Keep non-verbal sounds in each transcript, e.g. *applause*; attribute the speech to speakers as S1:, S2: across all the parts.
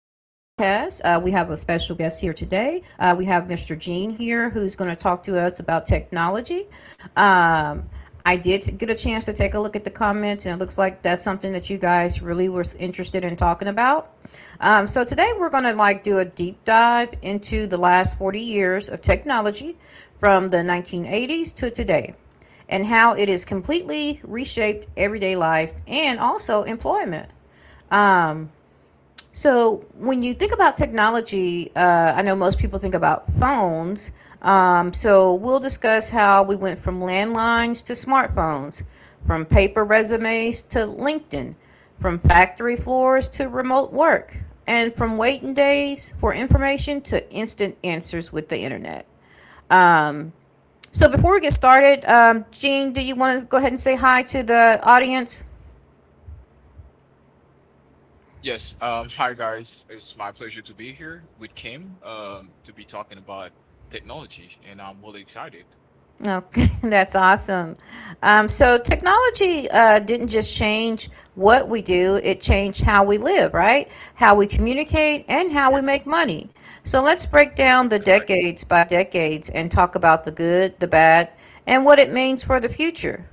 S1: We have a special guest here today. We have Mr. Gene here who's going to talk to us about technology. Um, I did get a chance to take a look at the comments, and it looks like that's something that you guys really were interested in talking about. So today we're going to like do a deep dive into the last 40 years of technology from the 1980s to today, and how it is completely reshaped everyday life and also employment. Um, so when you think about technology, I know most people think about phones. So we'll discuss how we went from landlines to smartphones, from paper resumes to LinkedIn, from factory floors to remote work, and from waiting days for information to instant answers with the internet. Um, so before we get started, Jean, do you want to go ahead and say hi to the audience?
S2: Yes. Hi, guys. It's my pleasure to be here with Kim to be talking about technology, and I'm really excited.
S1: Okay, *laughs* that's awesome. So technology didn't just change what we do; it changed how we live, right? How we communicate and how we
S2: Correct.
S1: make money. So let's break down the
S2: Correct.
S1: decades by decades and talk about the good, the bad, and what it means for the future.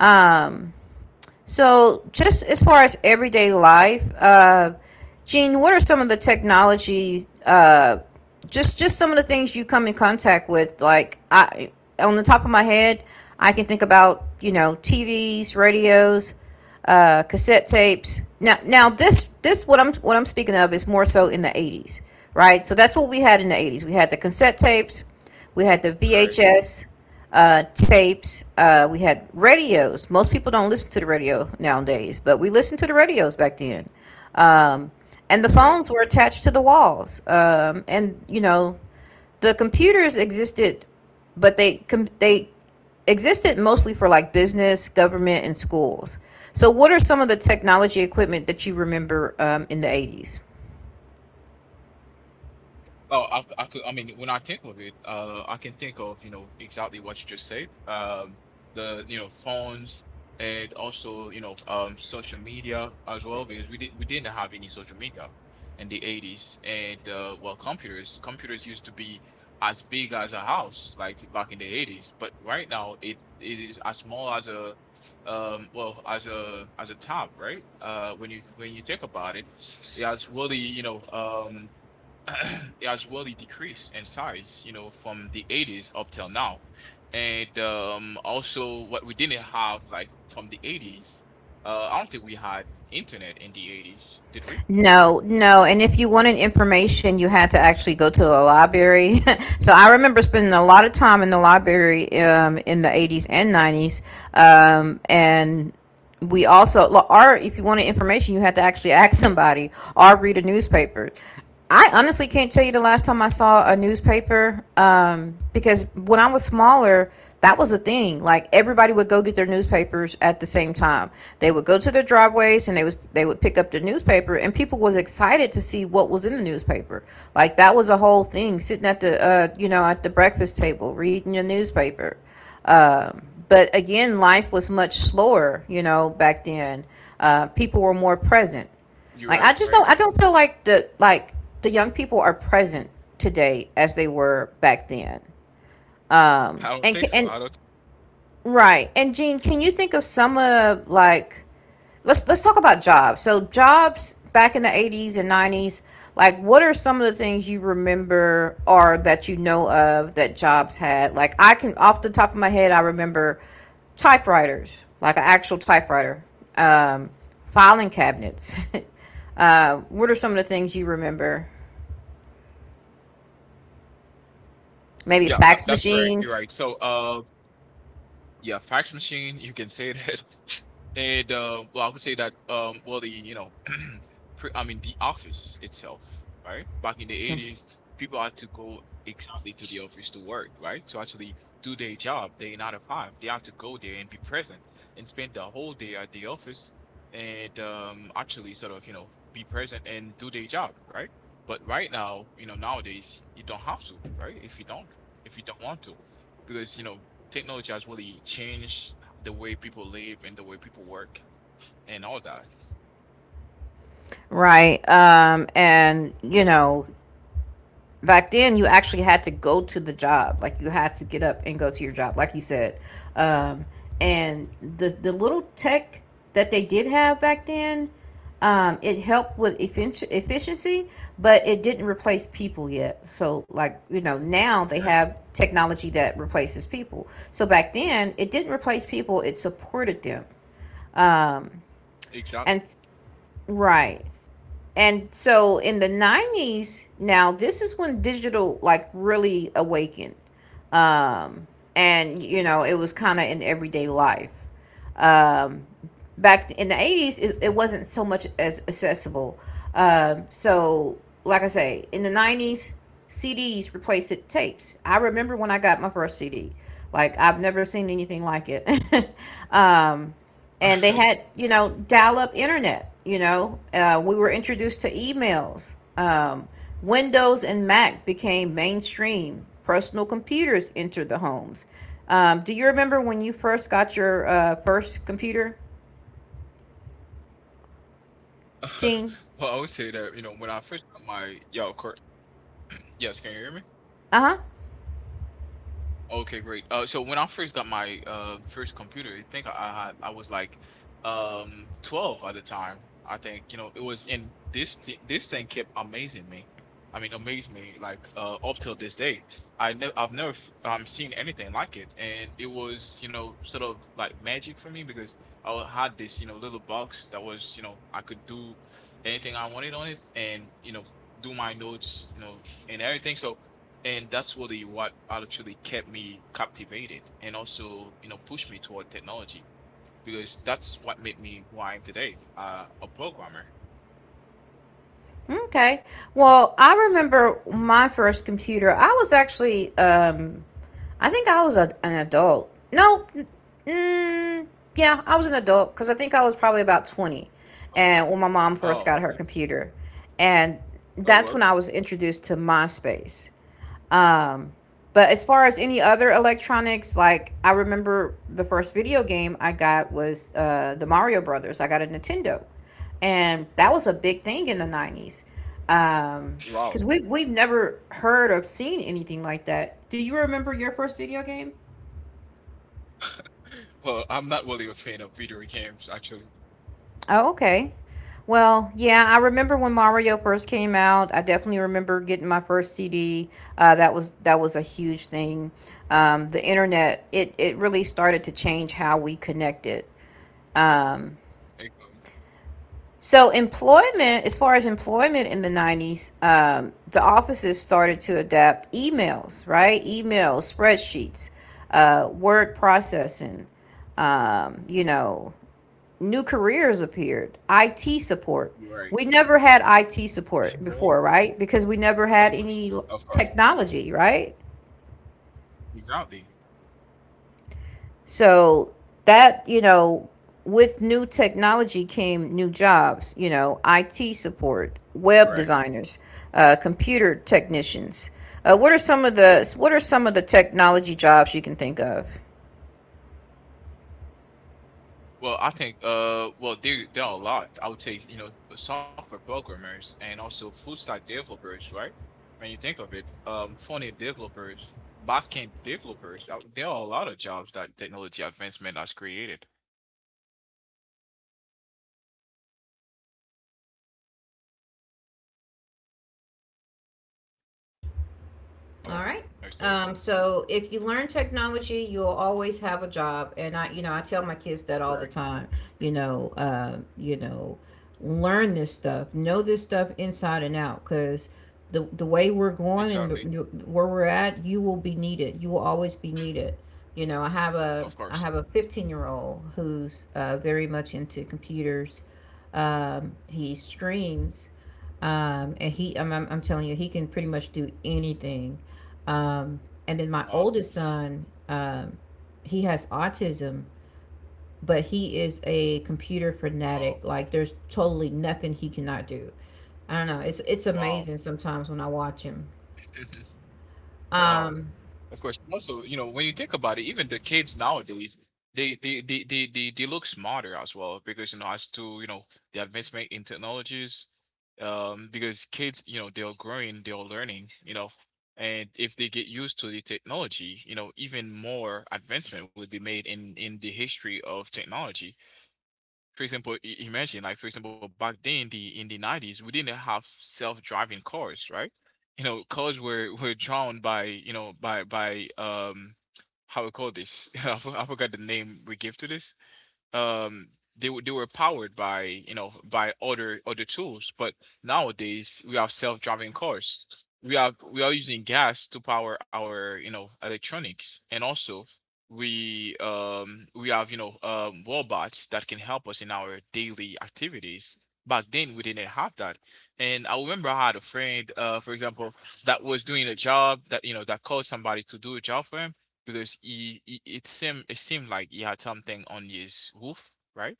S1: Um, So, just as far as everyday life, Gene, what are some of the technology? Just some of the things you come in contact with. Like I, on the top of my head, I can think about you know TVs, radios, cassette tapes. Now this what I'm speaking of is more so in the '80s, right? So that's what we had in the '80s. We had the cassette tapes, we had the
S2: Correct.
S1: VHS, tapes. We had radios. Most people don't listen to the radio nowadays, but we listened to the radios back then. Um, and the
S2: Correct.
S1: phones were attached to the walls. And you know, the computers existed, but they existed mostly for like business, government, and schools. So, what are some of the technology equipment that you remember in the 80s?
S2: Oh, I could. I mean, when I think of it, I can think of you know exactly what you just said. The phones and also you know social media as well because we didn't have any social media in the 80's and well computers used to be as big as a house like back in the 80's, but right now it is as small as a well as a tab, right? When you think about it, it has really you know *clears throat* as well, it decreased in size you know from the 80's up till now. And also what we didn't have like from the 80's, I don't think we had internet in the 80's, did we?
S1: No, no. And if you wanted information, you had to actually go to the library. *laughs* So I remember spending a lot of time in the library in the 80s and 90s. And we also, or if you wanted information, you had to actually ask somebody or read a newspaper. I honestly can't tell you the last time I saw a newspaper, because when I was smaller, that was a thing. Like, everybody would go get their newspapers at the same time. They would go to their driveways, and they would pick up the newspaper, and people was excited to see what was in the newspaper. Like, that was a whole thing, sitting at the you know, at the breakfast table reading your newspaper. um, but again, life was much slower, you know, back then. People were more present.
S2: you're right
S1: Like,
S2: you're
S1: I
S2: right
S1: just don't, I don't feel like the young people are present today as they were back then.
S2: *laughs* i don't
S1: And
S2: think
S1: c-
S2: so
S1: and
S2: i don't
S1: right. And Jean, can you think of some of like, let's talk about jobs. So jobs back in the 80s and 90s, like what are some of the things you remember or that you know of that jobs had? Like, I can, off the top of my head, I remember typewriters, like an actual typewriter. Um, filing cabinets. *laughs* What are some of the things you remember? Maybe
S2: Yeah, that,
S1: fax
S2: that's correct, you're right.
S1: machines,
S2: So yeah, fax machine, you can say that. *laughs* And well, I would say that well, the you know I mean, the office itself, right? Back in the 80's, people had to go exactly to the office to work, right? To actually do their job, their nine to five. They had to go there and be present and spend the whole day at the office. And actually sort of, you know, be present and do their job, right? But right now, you know, nowadays, you don't have to, right? If you don't want to, because, you know, technology has really changed the way people live and the way people work and all that.
S1: right? And you know, back then you actually had to go to the job. Like, you had to get up and go to your job like you said. Um and the the little tech that they did have back then, it helped with efficiency, but it didn't replace people yet. So like, you know, now they
S2: Correct.
S1: have technology that replaces people, so back then it didn't replace people, it supported them. Um
S2: Exactly.
S1: and Right. And so in the 90s, now this is when digital like really awakened. Um, and, you know, it was kind of in everyday life. Um, back in the 80s, it wasn't so much as accessible. So, like I say, in the 90s, CDs replaced it tapes. I remember when I got my first CD. Like, I've never seen anything like it. *laughs* um, and they
S2: *laughs*
S1: had you know dial-up internet, you know. We were introduced to emails. Windows and Mac became mainstream, personal computers entered the homes. Do you remember when you first got your first computer, Gene?
S2: *laughs* Well, I would say that you know when I first got my yo, Kurt, yes, can you hear me?
S1: Uh-huh.
S2: Okay, great. So when I first got my first computer, I think I was like 12 at the time. I think you know it was in this thing kept amazing me. I mean, amazed me like up till this day. I've never seen anything like it, and it was you know sort of like magic for me because I had this you know little box that was you know I could do anything I wanted on it, and you know do my notes, you know, and everything. So and that's really what actually kept me captivated and also you know pushed me toward technology because that's what made me who I am today, a programmer.
S1: Okay, well, I remember my first computer. I was actually I think I was a, an adult. No, mm, yeah, I was an adult, because I think I was probably about 20,
S2: Oh,
S1: and when my mom first
S2: oh,
S1: got her
S2: okay.
S1: computer. And
S2: Oh,
S1: that's
S2: really?
S1: when I was introduced to MySpace. Um, but as far as any other electronics, like, I remember the first video game I got was the Mario Brothers. I got a Nintendo, and that was a big thing in the 90s.
S2: Wow.
S1: Because
S2: *laughs*
S1: we we've never heard or seen anything like that. Do you remember your first video game?
S2: Well, I'm not really a fan of video games actually.
S1: Oh, okay. Well, yeah, I remember when Mario first came out. I definitely remember getting my first CD. That was a huge thing. The internet, it really started to change how we connected. Um,
S2: Okay.
S1: so employment, as far as employment in the '90s, the offices started to adapt emails, right? Emails, spreadsheets, word processing. You know, new careers appeared, IT support.
S2: You're right.
S1: We never had IT
S2: *laughs*
S1: support
S2: You're right.
S1: before, right? Because we never had
S2: Of course.
S1: any
S2: Of course.
S1: technology, right?
S2: Exactly.
S1: So that, you know, with new technology came new jobs, you know, IT support, web
S2: Correct.
S1: designers, computer technicians. What are some of the technology jobs you can think of?
S2: Well, I think well there are a lot. I would say, you know, software programmers and also full stack developers, right? When you think of it, front end developers, backend developers, there are a lot of jobs that technology advancement has created.
S1: All
S2: Hello?
S1: right.
S2: Are you still here?
S1: So if you learn technology, you'll always have a job. And I, you know, I tell my kids that all the
S2: Correct.
S1: time. You know, learn this stuff, know this stuff inside and out, because the way we're going, and
S2: Exactly.
S1: the, where we're at, you will be needed. You will always be needed. You know, I have a
S2: Of
S1: I
S2: course.
S1: have a 15-year-old who's very much into computers. He streams, and I'm telling you, he can pretty much do anything. um, and then my
S2: Um
S1: oldest son, he has autism, but he is a computer
S2: uh
S1: fanatic. Like, there's totally nothing he cannot do. I don't know, it's
S2: wow.
S1: amazing sometimes when I watch him.
S2: *laughs* Wow.
S1: um,
S2: Of course. Also, you know, when you think about it, even the kids nowadays, they look smarter as well because you know as to you know the advancement in technologies, because kids you know they're growing, they're learning, you know, and if they get used to the technology, you know, even more advancement would be made in the history of technology. For example, imagine like for example back then in the 90's we didn't have self-driving cars, right? You know, cars were drawn by, you know, by how we call this. *laughs* I forgot the name we give to this. um they were powered by you know by other tools, but nowadays we have self-driving cars. We are using gas to power our you know electronics, and also we have you know robots that can help us in our daily activities. Back then, we didn't have that. And I remember I had a friend, for example, that was doing a job that you know that called somebody to do a job for him because he it seemed like he had something on his roof, right?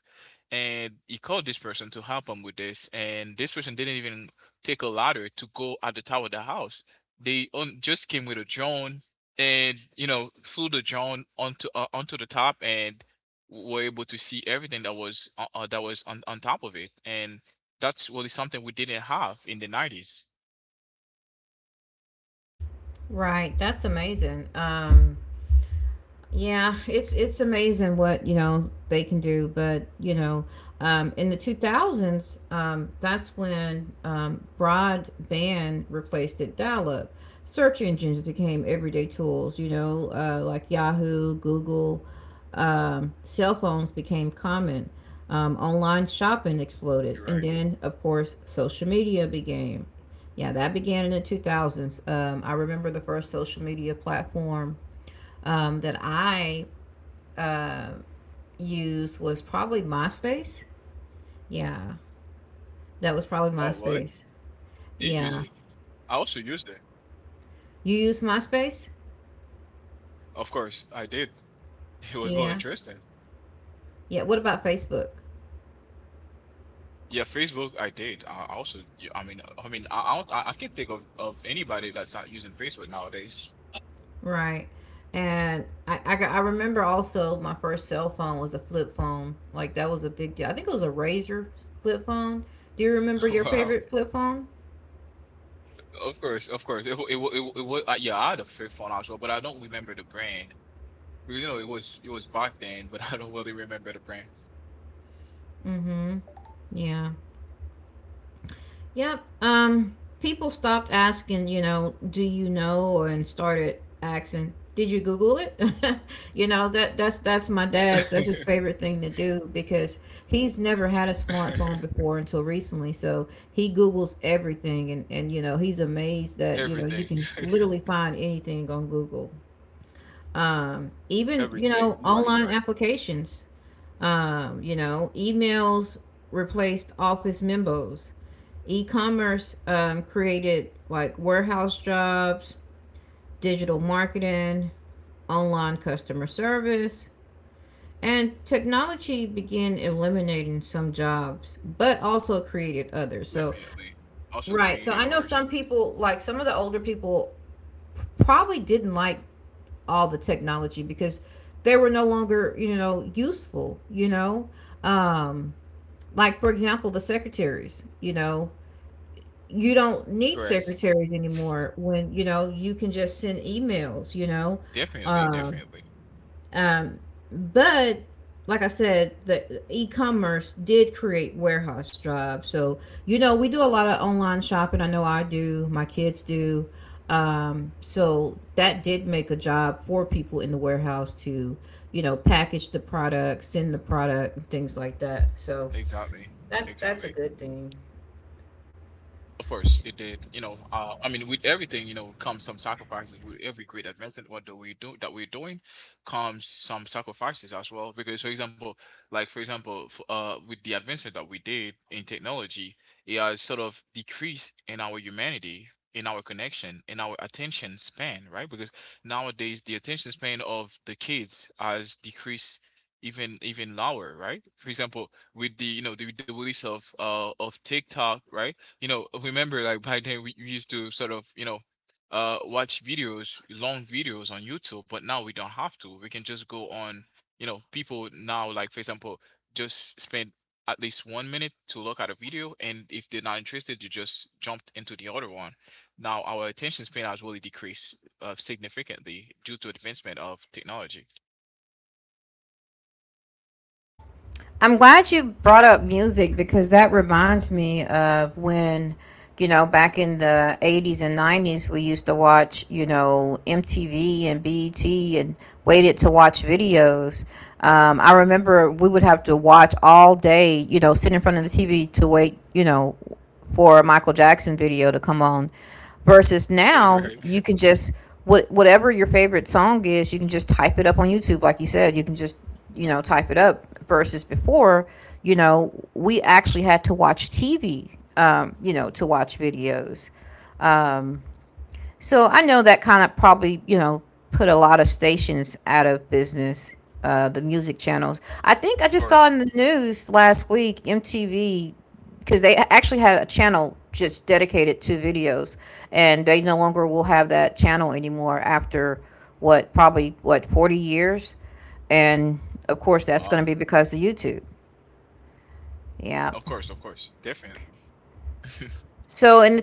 S2: And he called this person to help him with this, and this person didn't even take a ladder to go at the top of the house. Just came with a drone and you know flew the drone onto the top, and were able to see everything that was on top of it. And that's really something we didn't have in the 90's.
S1: right, that's amazing. Yeah, it's amazing what you know they can do, but you know, in the two thousands, that's when broadband replaced it. Dial-up search engines became everyday tools. You know, like Yahoo, Google, cell phones became common. Online shopping exploded,
S2: You're
S1: and
S2: right.
S1: then of course social media began. Yeah, that began in the two thousands. I remember the first social media platform that I uh, used was probably MySpace. Yeah, that was probably
S2: Oh, really?
S1: MySpace.
S2: Did use it?
S1: Yeah.
S2: I also used it.
S1: You use MySpace?
S2: Of course, I did. It was more
S1: Yeah.
S2: interesting.
S1: Yeah. What about Facebook?
S2: Yeah, Facebook. I did. I also. Yeah, I mean. I mean. I I can't think of anybody that's not using Facebook nowadays.
S1: Right. And I remember also my first cell phone was a flip phone. Like, that was a big deal. I think it was a Razor flip phone. Do you remember
S2: *laughs*
S1: your
S2: Wow.
S1: favorite flip phone?
S2: Of course. Of course. It. Wa- It. Wa- It. Wa- it wa- Yeah. I had a flip phone as well, but I don't remember the brand. You know, it was. It was back then, but *laughs* I don't really remember the brand.
S1: Mm-hmm. Yeah. Yep. People stopped asking, you know, do you know, and started asking, did you Google it? *laughs* You know, that's my dad's. That's his
S2: *laughs*
S1: favorite thing to do, because he's never had a smartphone before until recently. So he Googles everything, and you know, he's amazed that you know you
S2: Everything.
S1: can
S2: *laughs*
S1: literally find anything on Google. Even you
S2: Everything.
S1: know,
S2: You're right. You're
S1: online
S2: right.
S1: applications. You know, emails replaced office memos, e-commerce created like warehouse jobs, digital marketing, online customer service, and technology began eliminating some jobs but also created others. So
S2: Definitely. Also
S1: right,
S2: created
S1: so I know
S2: orders.
S1: some people, like some of the older people probably didn't like all the technology because they were no longer, you know, useful, you know. um like for example, the secretaries, you know, you don't need
S2: Correct.
S1: secretaries anymore when you know you can just send emails, you know.
S2: Definitely.
S1: um,
S2: Definitely.
S1: um but like I said, the e-commerce did create warehouse jobs. So you know, we do a lot of online shopping. I know I do, my kids do. Um, so that did make a job for people in the warehouse to, you know, package the product, send the product and things like that. So
S2: Exactly.
S1: that's a
S2: Exactly.
S1: good thing.
S2: Of course, it did. You know, I mean, with everything, you know, comes some sacrifices. With every great advancement, what do we do that we're doing, comes some sacrifices as well. Because, for example, like for example, f with the advancement that we did in technology, it has sort of decreased in our humanity, in our connection, in our attention span, right? Because nowadays the attention span of the kids has decreased even lower, right? For example, with the you know the release of TikTok, right? You know, remember like back then we used to sort of you know watch videos, long videos on YouTube, but now we don't have to. We can just go on. You know, people now like for example just spend at least 1 minute to look at a video, and if they're not interested, you just jumped into the other one. Now our attention span has really decreased significantly due to advancement of technology.
S1: I'm glad you brought up music because that reminds me of when, you know, back in the 80s and 90s, we used to watch, you know, MTV and BET and waited to watch videos. I remember we would have to watch all day, you know, sit in front of the TV to wait, you know, for a Michael Jackson video to come on versus
S2: *laughs*
S1: now
S2: Right. Of
S1: you can just whatever your favorite song is, you can just type it up on YouTube. Like you said, you can just, you know, type it up versus before, you know, we actually had to watch TV, you know, to watch videos. So I know that kind of probably, you know, put a lot of stations out of business, the music channels. I think I just saw
S2: course.
S1: in the news last week MTV, because they actually had a channel just dedicated to videos, and they no longer will have that channel anymore after what, probably, what, 40 years? And of course, that's going to
S2: Wow,
S1: be because of YouTube. Yeah.
S2: of course, of course, definitely. *laughs*
S1: So in the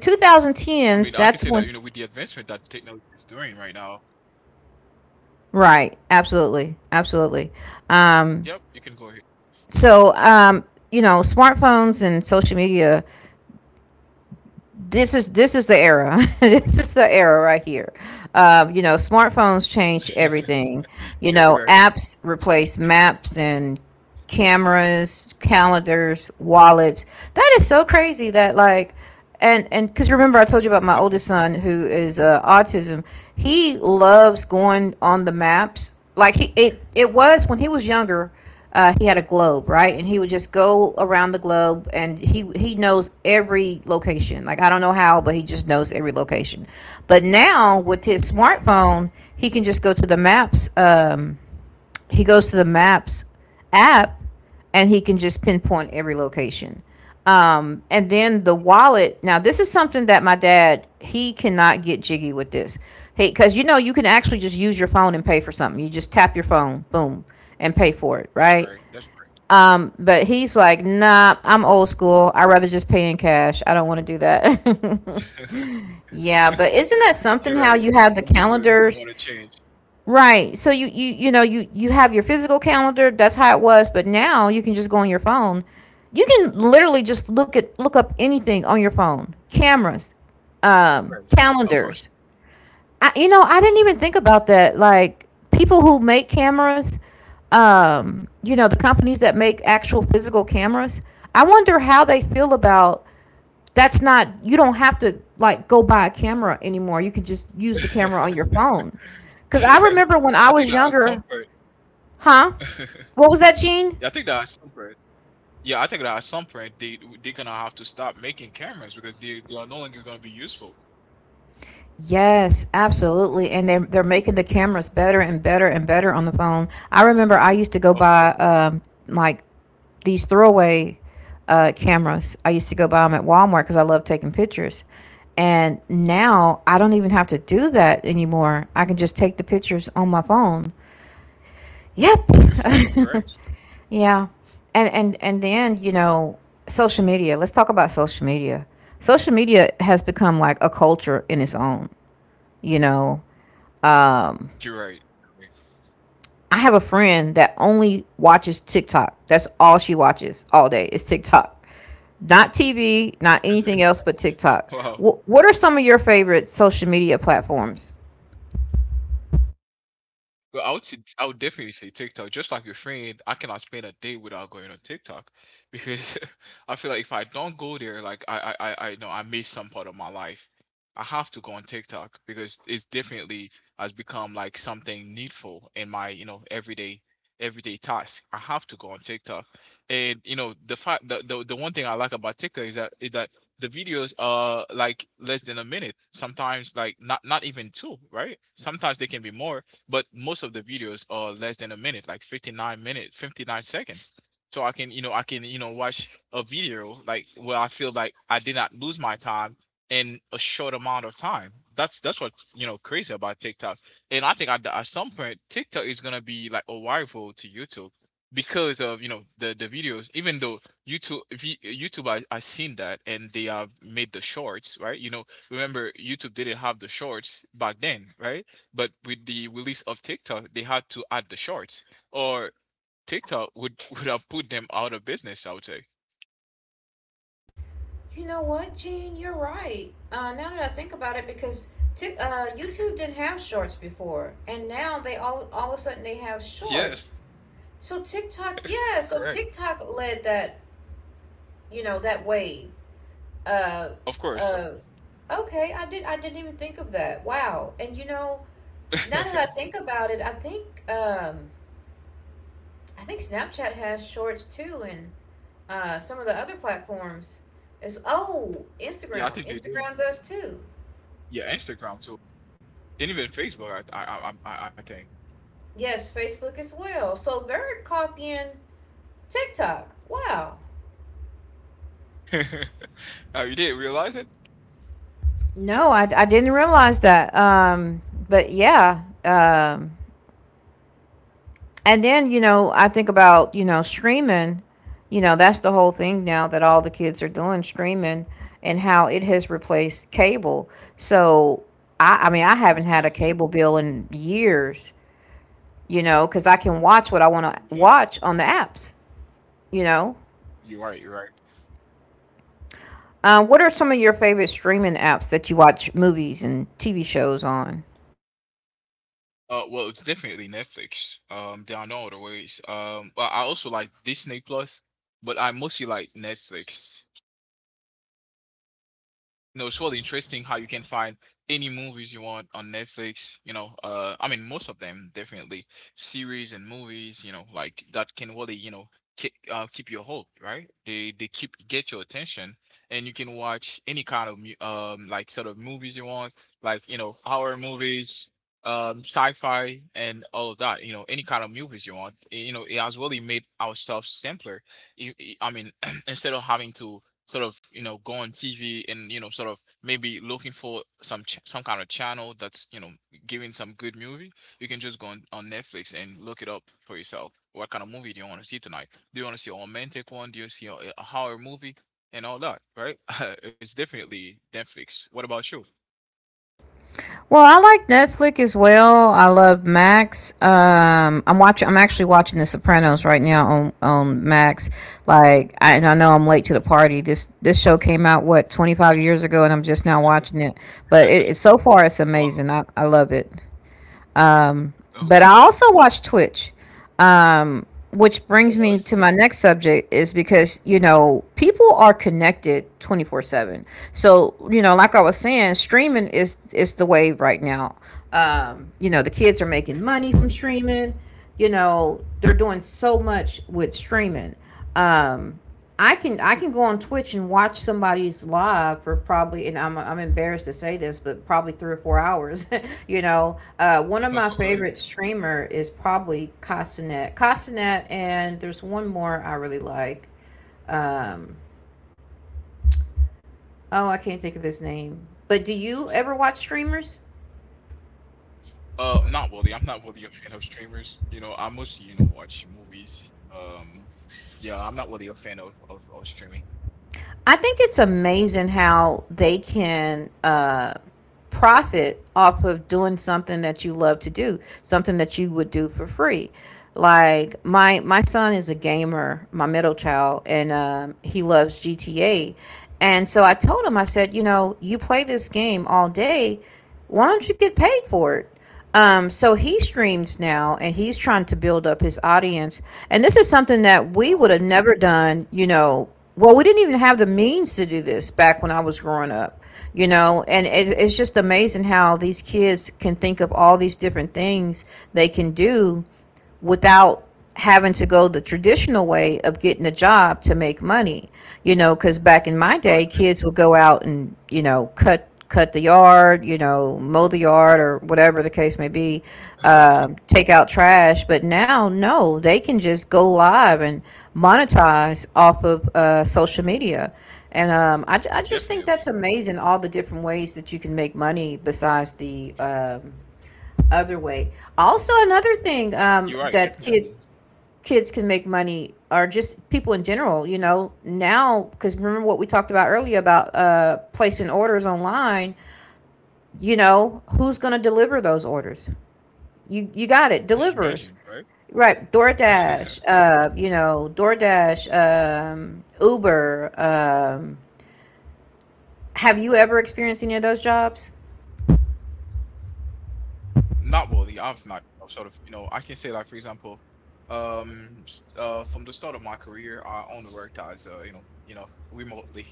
S2: I mean,
S1: 2010s,
S2: I can
S1: that's
S2: say that
S1: when.
S2: you know with the advancement that technology is doing right now.
S1: Right. Absolutely. Absolutely. Um,
S2: Yep, you can go ahead.
S1: so
S2: Mhm.
S1: you know, smartphones and social media, this is the era. *laughs* This is the era right here. Um, you know, smartphones changed
S2: *laughs*
S1: everything. You
S2: You're
S1: know,
S2: right.
S1: apps replaced maps and cameras, calendars, wallets. That is so crazy that, like, and because remember I told you about my oldest
S2: *laughs*
S1: son who is, autism. He loves going on the maps. Like, he, it was when he was younger. He had a globe, right? And he would just go around the globe, and he knows every location. Like, I don't know how, but he just knows every location. But now with his
S2: Wow,
S1: smartphone, he can just go to the maps. He goes to the maps app, and he can just pinpoint every location. And then the wallet. Now, this is something that my dad, he cannot get jiggy with this. Hey, because you know, you can actually just use your phone and pay for something. You just tap your phone, boom, and pay for it,
S2: that's
S1: right?
S2: great. That's
S1: But he's like, nah, I'm old school. I rather just pay in cash. I don't want to do that. *laughs*
S2: great.
S1: Yeah, but isn't that
S2: *laughs* You're
S1: something? How
S2: right.
S1: you have the
S2: Some people don't want
S1: calendars.
S2: to change.
S1: Right. So you know you have your physical calendar. That's how it was, but now you can just go on your phone. You can literally just look up anything on your phone. Cameras,
S2: Right. Of course.
S1: calendars. I, you know, I didn't even think about that. Like, people who make cameras, you know, the companies that make actual physical cameras. I wonder how they feel about, that's not, you don't have to like go buy a camera anymore. You can just use the camera on
S2: *laughs*
S1: your phone. Cuz
S2: You're
S1: I
S2: right.
S1: remember when I
S2: I think
S1: was
S2: that at some
S1: younger,
S2: point.
S1: huh?
S2: *laughs*
S1: What was that, Gene?
S2: Yeah, I think that at some point. Yeah, I think that at some point they're gonna have to stop making cameras because they are no longer gonna be useful.
S1: Yes, absolutely. And they're making the cameras better and better and better on the phone. I remember I used to go
S2: Of
S1: buy,
S2: course,
S1: like these throwaway cameras. I used to go buy them at Walmart because I love taking pictures. And now I don't even have to do that anymore. I can just take the pictures on my phone.
S2: on your phone.
S1: Yep.
S2: Correct.
S1: *laughs* Yeah. And then, you know, social media. Let's talk about social media. Social media has become like a culture in its own, you know. Um,
S2: You're right. Correct.
S1: I have a friend that only watches TikTok. That's all she watches all day. It's TikTok. Not TV, not anything else but
S2: *laughs*
S1: TikTok.
S2: Wow.
S1: What are some of your favorite social media platforms?
S2: Well, I would say, I would definitely say TikTok. Just like your friend, I cannot spend a day without going on TikTok because *laughs* I feel like if I don't go there, like I know I miss some part of my life. I have to go on TikTok because it's definitely has become like something needful in my, you know, everyday, everyday task. I have to go on TikTok, and you know, the fact, the one thing I like about TikTok is that the videos are like less than a minute. Sometimes like not even two, right? Sometimes they can be more, but most of the videos are less than a minute, like 59 minutes 59 seconds. So I can you know I can you know watch a video like where I feel like I did not lose my time in a short amount of time. That's what's you know crazy about TikTok. And I think at some point TikTok is going to be like a rival to YouTube because of you know the videos, even though YouTube I seen that, and they have made the shorts, right? You know, remember YouTube didn't have the shorts back then, right? But with the release of TikTok, they had to add the shorts, or TikTok would *laughs* would have put them out of business, I would say.
S1: You know what, Gene? You're right. Now that I think about it, because Tik YouTube didn't have shorts before, and now they all of a sudden they have
S2: Yes,
S1: shorts. So TikTok, yeah. So
S2: correct.
S1: TikTok led that, you know, that wave. Uh,
S2: Of course, of
S1: uh,
S2: course.
S1: okay. I did. I didn't even think of that. Wow. And you know, now that I
S2: *laughs*
S1: think about it, I think Snapchat has shorts too, and some of the other platforms. Is, oh,
S2: Yeah, I
S1: Instagram.
S2: think they do.
S1: Instagram does too.
S2: Yeah, Instagram too, and even Facebook. I think.
S1: Yes, Facebook as well. So they're copying TikTok. Wow.
S2: *laughs* Oh, you didn't realize it?
S1: No, I didn't realize that. But yeah. And then, you know, I think about, you know, streaming. You know, that's the whole thing now, that all the kids are doing streaming and how it has replaced cable. So, I mean, I
S2: You're
S1: haven't had a cable bill in years, you know, because I can watch what I want to
S2: right.
S1: watch on the apps, you know.
S2: You're right. You're right.
S1: What are some of your favorite streaming apps that you watch movies and TV shows on?
S2: Well, it's definitely Netflix. There are no other ways. But I also like Disney Plus, but I mostly like Netflix. No, it's really interesting how you can find any movies you want on Netflix. I mean, most of them definitely series and movies. You know, like that can really keep keep your hope, right? They keep get your attention, and you can watch any kind of like sort of movies you want, like you know horror movies, sci-fi, and all of that. You know, any kind of movies you want. You know, it has really made ourselves simpler. I mean, *clears throat* instead of having to sort of go on TV and sort of maybe looking for some kind of channel that's giving some good movie, you can just go on Netflix and look it up for yourself. What kind of movie do you want to see tonight? Do you want to see a romantic one? Do you see a horror movie and all that? Right? *laughs* It's definitely Netflix. What about you?
S1: Well, I like Netflix as well. I love Max. I'm actually watching The Sopranos right now on Max. Like, I, and I know I'm late to the party. This show came out, what, 25 years ago, and I'm just now watching it. But it,
S2: *laughs*
S1: it so far, it's
S2: Well,
S1: amazing. I love it.
S2: of
S1: But I
S2: course.
S1: also watch Twitch, um, which
S2: Oh,
S1: brings
S2: really?
S1: me to my next subject, is because you know, people are connected 24/7. So you know, like I was saying, streaming is the wave right now. You know, the kids are making
S2: Of
S1: money from
S2: course.
S1: streaming. You know, they're doing so much with streaming. Um, I can go on Twitch and watch somebody's live for probably, and I'm embarrassed to say this, but probably 3 or 4 hours. *laughs* You know, uh, one of
S2: *laughs*
S1: my
S2: Really?
S1: favorite streamer is probably Castanet. Castanet, and there's one more I really like. Um, oh, I can't think of his name. But do you ever watch streamers?
S2: Not worthy. I'm not worthy a fan of streamers. I mostly, watch movies. Yeah, I'm not really a fan of of streaming.
S1: I think it's amazing how they can, profit off of doing something that you love to do, something that you would do for free. Like, my son is a gamer, my middle child, and he loves GTA. And so I told him, I said, you know, you play this game all day. Why don't you get paid for it? So he streams now, and he's trying to build up his audience. And this is something that we would
S2: Wow,
S1: have never done, you know. Well, we didn't even have the means to do this back when I was growing up, you know. And it's just amazing how these kids can think of all these different things they can do without having to go the traditional way of getting a job to make money, you know, because back in my
S2: I
S1: day,
S2: agree.
S1: kids would go out and, you know, cut the yard, you know, mow the yard or whatever the case may be,
S2: *laughs*
S1: take out trash. But now, no, they can just go live and monetize off of, social media. And I just think
S2: Definitely.
S1: that's amazing, all the different ways that you can make money besides the other way. Also, another thing,
S2: You're right,
S1: that
S2: definitely.
S1: kids, kids can make money, or just people in general. You know, now because remember what we talked about earlier about, placing orders online. You know, who's going to deliver those orders? You got it.
S2: *laughs*
S1: Delivers.
S2: Imagine, right?
S1: Right, DoorDash,
S2: *laughs*
S1: you know, DoorDash, Uber. Have you ever experienced any of those jobs?
S2: Not really. I've not I've sort of I can say like for example, from the start of my career, I only worked as remotely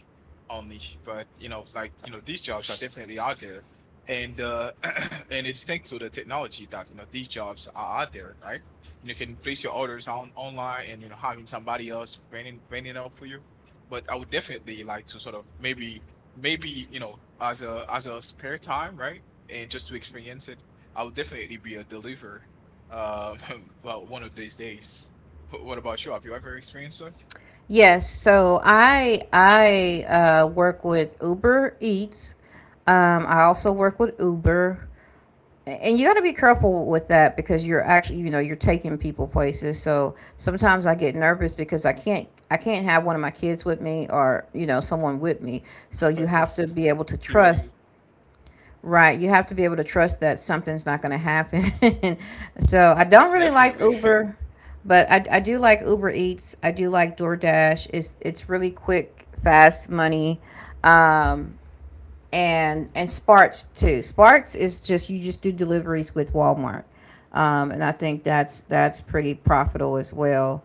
S2: only, but like these jobs are definitely out there, and *clears throat* and it's thanks to the technology that these jobs are out there, right? You can place your orders on online and having somebody else bringing it up for you. But I would definitely like to sort of maybe as a spare time, right? And just to experience it I will definitely be a deliver. Uh, *laughs* well, one of these days. What about you? Have you ever experienced that?
S1: Yes, so I work with Uber Eats. I also work with Uber. And you got to be careful with that because you're actually, you know, you're taking people places. So sometimes I get nervous because I can't have one of my kids with me or you know, someone with me. So you have to be able to
S2: You're
S1: trust.
S2: right.
S1: Right. You have to be able to trust that something's not going to happen. *laughs* So I don't really like
S2: Definitely, *laughs*
S1: Uber, but I do like Uber Eats. I do like DoorDash. It's really quick, fast money. And Sparks too. Sparks is, just you just do deliveries with Walmart. And I think that's pretty profitable as well.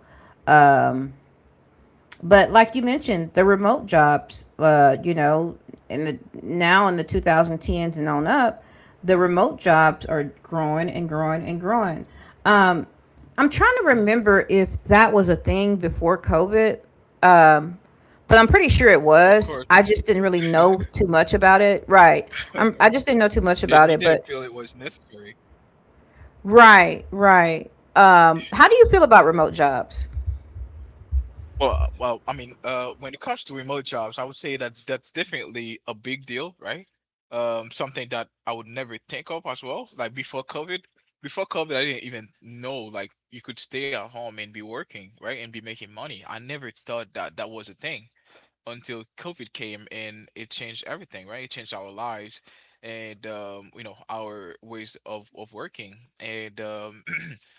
S1: But like you mentioned, the remote jobs, you know, in the now in the 2010s and on up, the remote jobs are growing and growing and growing. Um, I'm trying to remember if that was a thing before COVID, but I'm pretty sure it
S2: of
S1: was.
S2: course.
S1: I just didn't really know too much about it. Right. I'm, I just didn't know too
S2: *laughs*
S1: much
S2: And
S1: about
S2: you
S1: it,
S2: didn't
S1: but
S2: feel it was necessary.
S1: right, right. How do you feel about remote jobs?
S2: Well, I mean, when it comes to remote jobs, I would say that that's definitely a big deal, right? Something that I would never think of as well. Like before COVID, I didn't even know like you could stay at home and be working, right, and be making money. I never thought that that was a thing. Until COVID came and it changed everything, right? It changed our lives and you know our ways of working and *clears throat*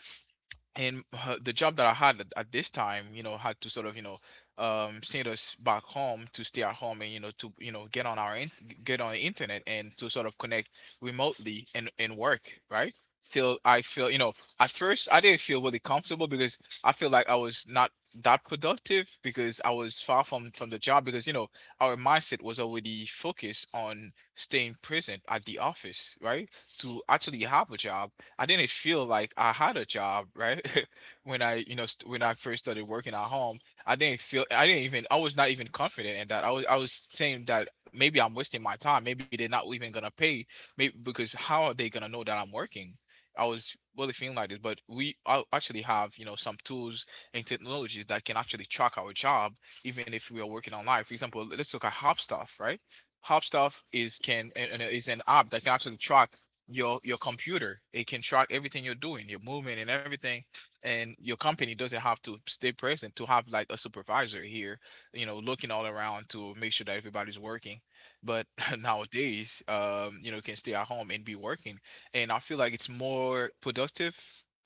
S2: and the job that I had at this time, you know, had to sort of, you know, send us back home to stay at home and to get on our get on the internet and to sort of connect remotely and work right. Till I feel, you know, at first I didn't feel really comfortable because I feel like I was not that productive because I was far from the job because you know our mindset was already focused on staying present at the office, right? To actually have a job I didn't feel like I had a job, right? *laughs* When I, you know, st- when I first started working at home, I didn't feel, I didn't even, I was not even confident in that. I was saying that maybe I'm wasting my time. Maybe they're not even gonna pay, maybe because how are they gonna know that I'm working? I was really feeling like this, but we actually have, you know, some tools and technologies that can actually track our job, even if we are working online. For example, let's look at Hopstuff, right? Hopstuff is can and is an app that can actually track your computer. It can track everything you're doing, your movement and everything. And your company doesn't have to stay present to have like a supervisor here, you know, looking all around to make sure that everybody's working. But *laughs* nowadays, you know, you can stay at home and be working. And I feel like it's more productive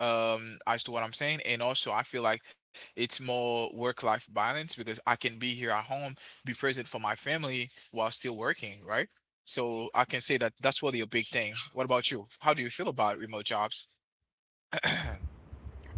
S2: as to what I'm saying. And also I feel like it's more work-life balance because I can be here at home, be present for my family while still working, right? So I can say that that's really a big thing. What about you? How do you feel about remote jobs? *clears throat*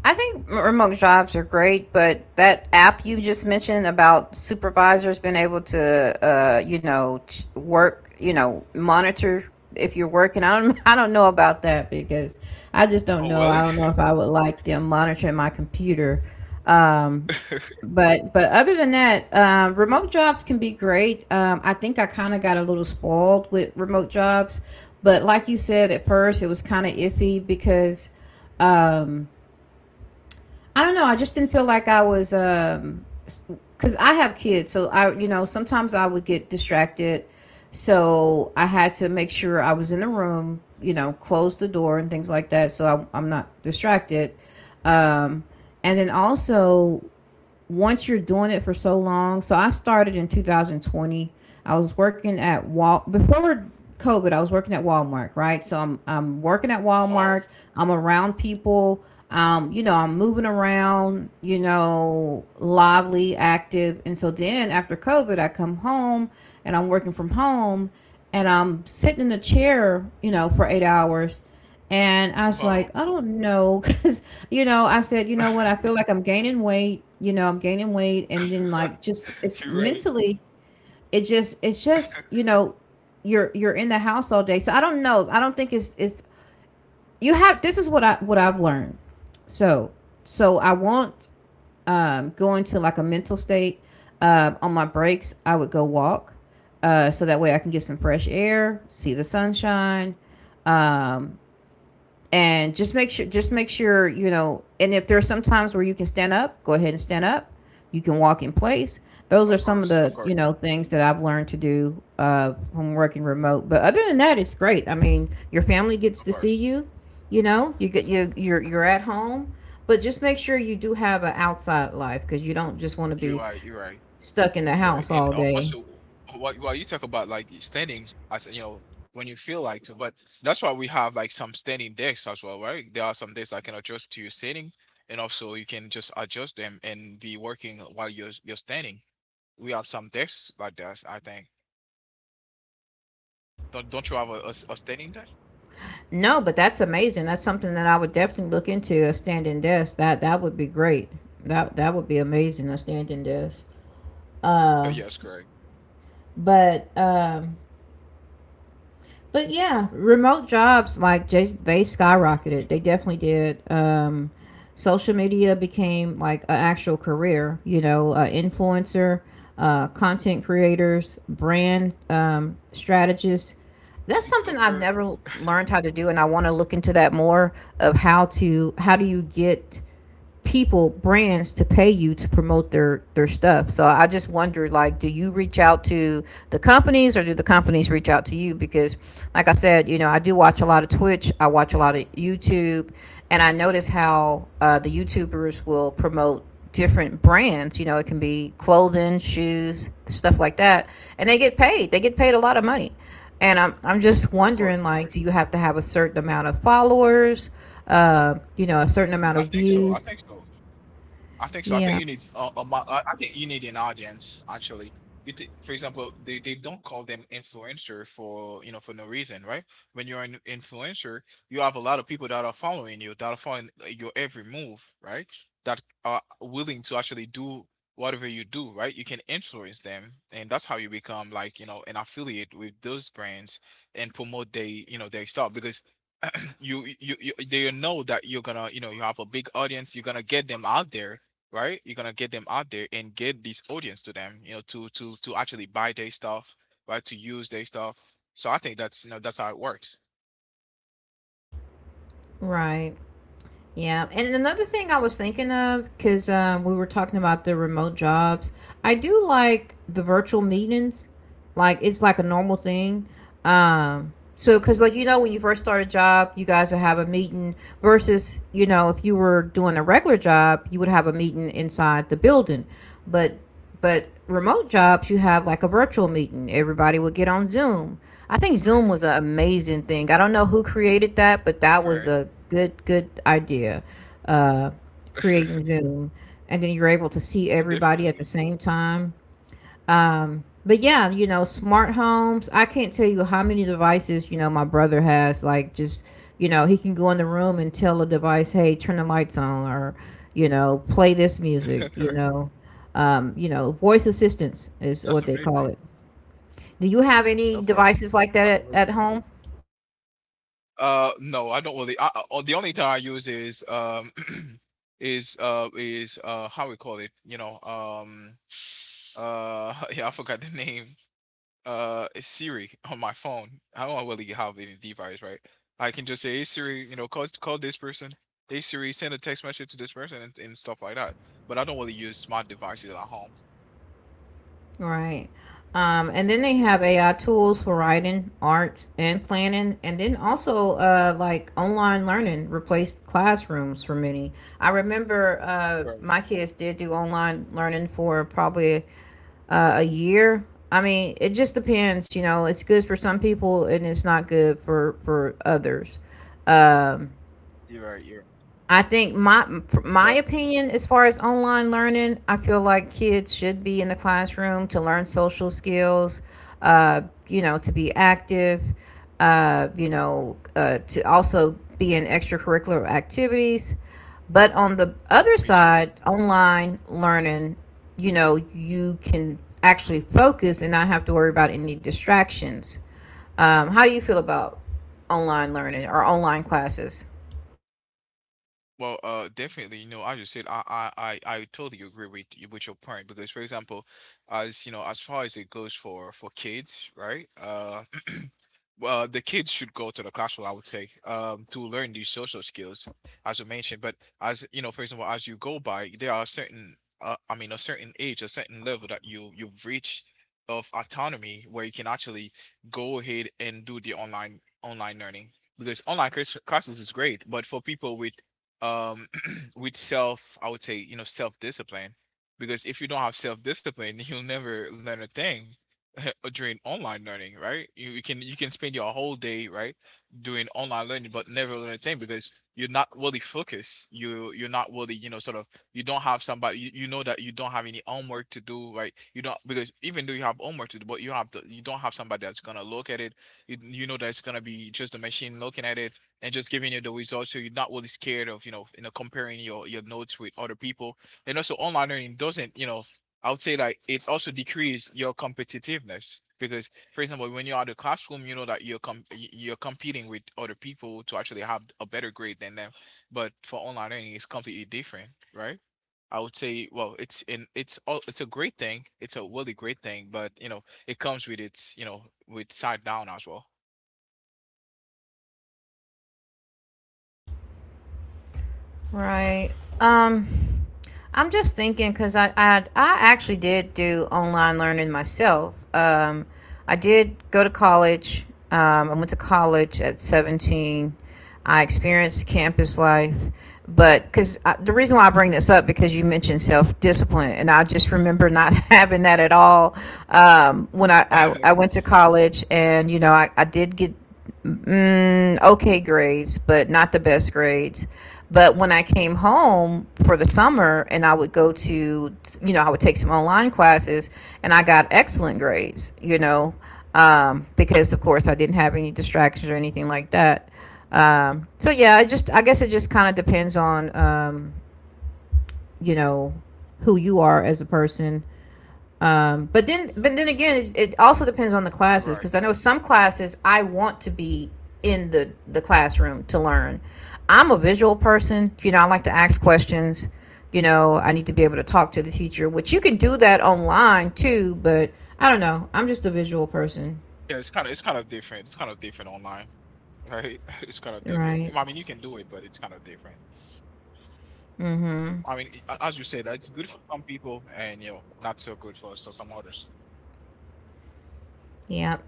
S1: I think remote jobs are great, but that app you just mentioned about supervisors being able to, you know, you know, monitor if you're working. I don't, *laughs* I don't know about that because I just don't
S2: Oh,
S1: know.
S2: really?
S1: I don't know if I would like them monitoring my computer. Um,
S2: *laughs*
S1: but other than that, remote jobs can be great. I think I kind of got a little spoiled with remote jobs, but like you said at first, it was kind of iffy because um, I don't know. I just didn't feel like I was, because I have kids, so I, you know, sometimes I would get distracted. So I had to make sure I was in the room, you know, close the door and things like that, so I'm not distracted. And then also once you're doing it for so long. So I started in 2020. I was working at Wal before COVID. I was working at Walmart, right? So I'm working at
S2: oh,
S1: Walmart. I'm around people. You know, I'm moving around. You know, lively, active, and so then after COVID, I come home and I'm working from home, and I'm sitting in the chair, you know, for 8 hours, and I was like,
S2: oh.
S1: I don't know. *laughs* You know, I said, you know what? I feel
S2: *laughs*
S1: like I'm gaining weight, you know, I'm gaining weight. And then like, just it's
S2: You're right.
S1: mentally, it's just, you know, you're in the house all day. So I don't know. I don't think it's, you have, this is what what I've learned. So, so I won't, go into like a mental state. On my breaks, I would go walk. So that way I can get some fresh air, see the sunshine. Um, and just make sure you know, and if there are some times where you can stand up, go ahead and stand up, you can walk in place. Those are
S2: Of
S1: some of
S2: course,
S1: the,
S2: of
S1: you
S2: course,
S1: know, things that I've learned to do, from working remote. But other than that, it's great. I mean, your family gets to
S2: of
S1: see
S2: course.
S1: you, you know, you you're at home, but just make sure you do have an outside life because you don't just want to be
S2: You're right. You're right.
S1: stuck in the
S2: You're
S1: house
S2: right.
S1: all
S2: And
S1: day.
S2: also, while you talk about like standings, as you know, when you feel like to, but that's why we have like some standing decks as well, right? There are some decks that can adjust to your sitting, and also you can just adjust them and be working while you're standing. We have some decks like that, I think. Don't you have a standing desk?
S1: No, but that's amazing. That's something that I would definitely look into, a standing desk. That would be great. That would be amazing, a standing desk.
S2: *laughs* Yes, correct.
S1: But um but yeah, remote jobs like they skyrocketed. They definitely did. Social media became like an actual career, you know, influencer, content creators, brand strategists.
S2: You
S1: That's
S2: took
S1: something
S2: her,
S1: I've never learned how to do, and I want to look into that more of how do you get people, brands, to pay you to promote their stuff. So I just wonder, like, do you reach out to the companies or do the companies reach out to you? Because like I said, you know, I do watch a lot of Twitch, I watch a lot of YouTube, and I notice how the YouTubers will promote different brands. You know, it can be clothing, shoes, stuff like that, and they get paid, they get paid a lot of money. And I'm just
S2: of course,
S1: wondering,
S2: of
S1: like,
S2: course.
S1: do you have to have a certain amount of followers, you know, a certain amount
S2: Yeah, I
S1: of
S2: think so. I
S1: views?
S2: think so. I think so. I think
S1: Yeah,
S2: you need I think you need an audience actually. For example, they don't call them influencer for for no reason, right? When you're an influencer, you have a lot of people that are following you, that are following your every move, right? That are willing to actually do whatever you do, right? You can influence them, and that's how you become like you know an affiliate with those brands and promote they you know their stuff because you they know that you're gonna you know you have a big audience you're gonna get them out there right you're gonna get them out there and get this audience to them you know to actually buy their stuff right to use their stuff so I think that's you know that's how it works
S1: right. Yeah. And another thing I was thinking of, because we were talking about the remote jobs, I do like the virtual meetings. Like, it's like a normal thing. So, because, like, you know, when you first start a job, you guys will have a meeting, versus, you know, if you were doing a regular job, you would have a meeting inside the building. But But remote jobs, you have like a virtual meeting. Everybody would get on Zoom. I think Zoom
S2: correct
S1: was an amazing thing. I don't know who created that, but that was
S2: correct
S1: a good, good idea. Uh, Creating
S2: *laughs*
S1: Zoom. And then you're able to see everybody at the
S2: definitely
S1: same time. But yeah, you know, smart homes. I can't tell you how many devices, you know, my brother has. Like, just, you know, he can go in the room and tell a device, hey, turn the lights on, or, you know, play this music,
S2: *laughs*
S1: you know. You know, voice assistance is
S2: that's
S1: what they
S2: amazing
S1: call it. Do you have any
S2: of course
S1: devices like that
S2: that's
S1: at
S2: amazing
S1: home?
S2: no I don't really oh, the only time I use is *clears throat* is how we call it you know *laughs* yeah I forgot the name Siri *laughs* on my phone. I don't really have any device, right? I can just say, "Hey Siri, you know, call this person. Hey Siri, send a text message to this person and stuff like that." But I don't really use smart devices at home.
S1: Right. And then they have AI tools for writing, art, and planning, and then also like online learning replaced classrooms for many. I remember
S2: Right.
S1: my kids did do online learning for probably a year. I mean, it just depends. You know, it's good for some people and it's not good for others. Um.
S2: You're right. You're right.
S1: I think my my
S2: But
S1: opinion as far as online learning, I feel like kids should be in the classroom to learn social skills, uh, you know, to be active, to also be in extracurricular activities. But on the other
S2: me too.
S1: side, online learning, you know, you can actually focus and not have to worry about any distractions. How do you feel about online learning or online classes?
S2: Well, definitely, you know, as you said I totally agree with you with your point because, for example, as you know, as far as it goes for kids, right? *clears throat* Well, the kids should go to the classroom, I would say, to learn these social skills, as you mentioned. But as you know, for example, as you go by, there are certain, a certain age, a certain level that you you've reached of autonomy where you can actually go ahead and do the online learning because classes is great, but for people with um *clears throat* with self I would say you know self discipline because if you don't have self discipline *laughs* you'll never learn a thing *laughs* during online learning right you can spend your whole day right doing online learning but never learn a thing because you're not really focused you're not really you know sort of you don't have somebody you know that you don't have any homework to do right you don't because even though you have homework to do but you have you don't have somebody that's gonna look at it you know that it's gonna be just a machine looking at it and just giving you the results so you're not really scared of you know comparing your notes with other people and also online learning doesn't you know I would say like it also decreases your competitiveness because for example when you're out of the classroom you know that you're competing with other people to actually have a better grade than them but for online learning it's completely different right I would say well it's a great thing it's a really great thing but you know it comes with its you know with side down as well
S1: Right. Um, I'm just thinking because I actually did do online learning myself. I did go to college. I went to college at 17. I experienced campus life, but because the reason why I bring this up because you mentioned self discipline, and I just remember not *laughs* having that at all, when I
S2: *laughs*
S1: went to college, and you know I did get mm, okay grades, but not the best grades. But when I came home for the summer and I would go to, you know, I would take some online classes and I got excellent grades, you know, because of course I didn't have any distractions or anything like that. So yeah, I just, I guess it just kind of depends on, you know, who you are as a person, but then again, it also depends on the classes
S2: right.
S1: because I know some classes I want to be in the classroom to learn. I'm a visual person. You know, I like to ask questions. You know, I need to be able to talk to the teacher, which you can do that online too. But I don't know. I'm just a visual person,
S2: Yeah, it's kind of different. It's kind of different online, right? *laughs* It's kind of different.
S1: right?
S2: I mean, you can do it, but it's kind of different.
S1: Mm-hmm.
S2: I mean, as you said, it's good for some people, and you know, not so good for some others.
S1: Yep.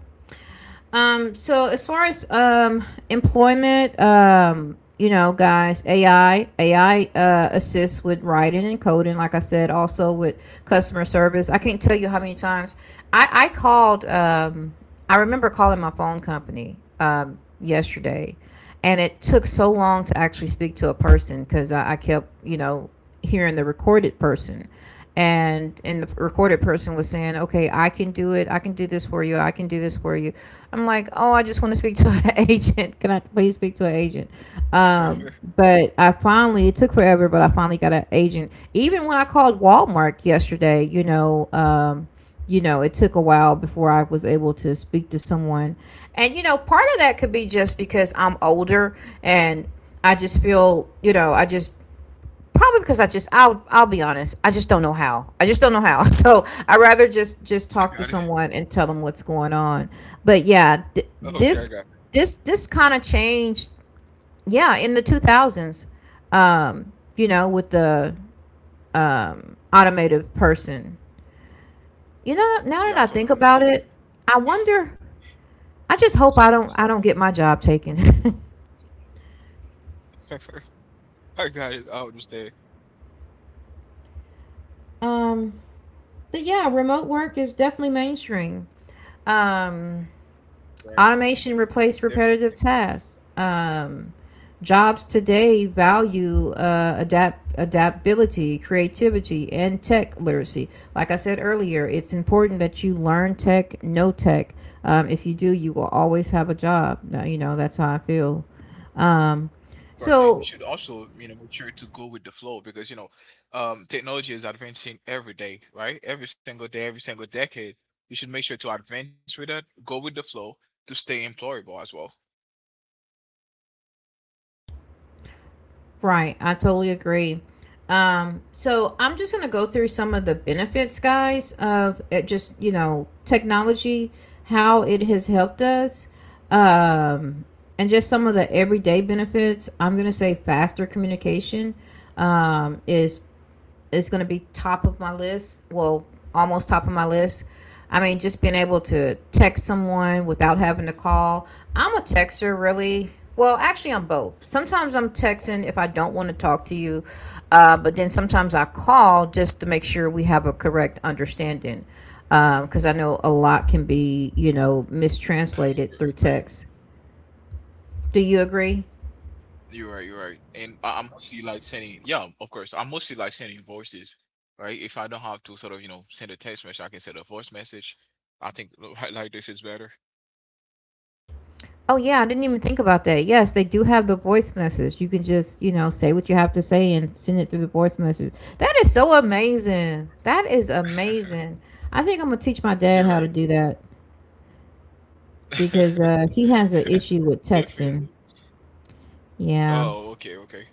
S1: So as far as employment, you know, guys, AI assists with writing and coding. Like I said, also with customer service. I can't tell you how many times I called. I remember calling my phone company yesterday, and it took so long to actually speak to a person because I kept, you know, hearing the recorded person, and the recorded person was saying, okay, I can do it, I can do this for you, I can do this for you. I'm like, oh, I just want to speak to an *laughs* agent. Can I please speak to an agent? um, but I finally it took forever, but I finally got an agent. Even when I called Walmart yesterday, you know, you know, it took a while before I was able to speak to someone. And you know, part of that could be just because I'm older, and I just feel, you know, I just, probably because I just, I'll be honest. I just don't know how. I just don't know how. *laughs* So I rather just
S2: I
S1: talk to
S2: got it.
S1: someone and tell them what's going on. But yeah,
S2: *laughs* Okay, I
S1: this
S2: got it.
S1: this kind of changed. Yeah, in the two thousands, you know, with the automated person. You know, now that
S2: Yeah, I
S1: I think
S2: totally
S1: about
S2: understand.
S1: it, I wonder. I just hope I don't get my job taken.
S2: *laughs* I got it. I understand.
S1: *laughs* um, but yeah, remote work is definitely mainstream. Um,
S2: Right,
S1: Automation replaced repetitive
S2: definitely,
S1: tasks. Jobs today value adaptability, creativity, and tech literacy. Like I said earlier, it's important that you learn tech, know tech. If you do, you will always have a job. You know that's how I feel. Um,
S2: of course. And you
S1: so
S2: should also, you know, make sure to go with the flow because you know, technology is advancing every day, right? Every single day, every single decade. You should make sure to advance with that. Go with the flow to stay employable as well.
S1: Right. I totally agree. So I'm just going to go through some of the benefits, guys, of it just, you know, technology, how it has helped us, um, and just some of the everyday benefits. I'm going to say faster communication um, is is going to be top of my list. Well, almost top of my list. I mean, just being able to text someone without having to call. I'm a texter, really. Well, actually, I'm both. Sometimes I'm texting if I don't want to talk to you, but then sometimes I call just to make sure we have a correct understanding. Because I know a lot can be, you know, mistranslated through
S2: Agree.
S1: text. Do you agree?
S2: You're right, you're right. And I'm mostly like sending, yeah, of course. I'm mostly like sending voices, right? If I don't have to sort of, you know, send a text message, I can send a voice message. I think *laughs* like this is better.
S1: Oh yeah, I didn't even think about that. Yes, they do have the voice message. You can just, you know, say what you have to say and send it through the voice message. That is so amazing. That is
S2: *laughs*
S1: amazing. I think I'm gonna teach my dad
S2: You're
S1: how to
S2: right.
S1: do that because
S2: *laughs*
S1: he has an issue with texting.
S2: Definitely.
S1: Yeah.
S2: Oh, okay, okay.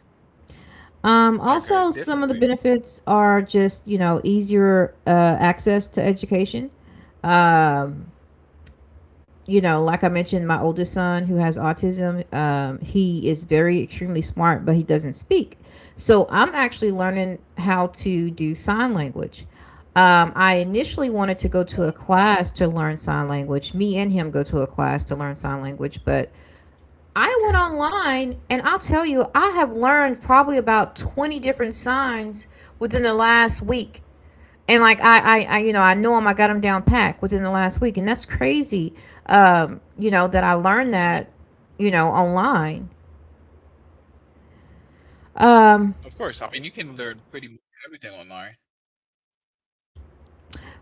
S2: Okay,
S1: Also, some of the
S2: definitely.
S1: benefits are just, easier access to education. Um, like I mentioned, my oldest son who has autism, he is very extremely smart, but he doesn't speak. So I'm actually learning how to do sign language. I initially wanted to go to a
S2: Oh,
S1: class to learn sign language. Me and him go to a class to learn sign language, but I
S2: okay.
S1: went online, and I'll tell you, I have learned probably about 20 different signs within the last week. And like I know him, I got him down packed within the last week, and that's crazy, you know, that I
S2: *laughs*
S1: learned
S2: Yeah,
S1: that online. um
S2: of course. I mean, you can learn pretty much everything online.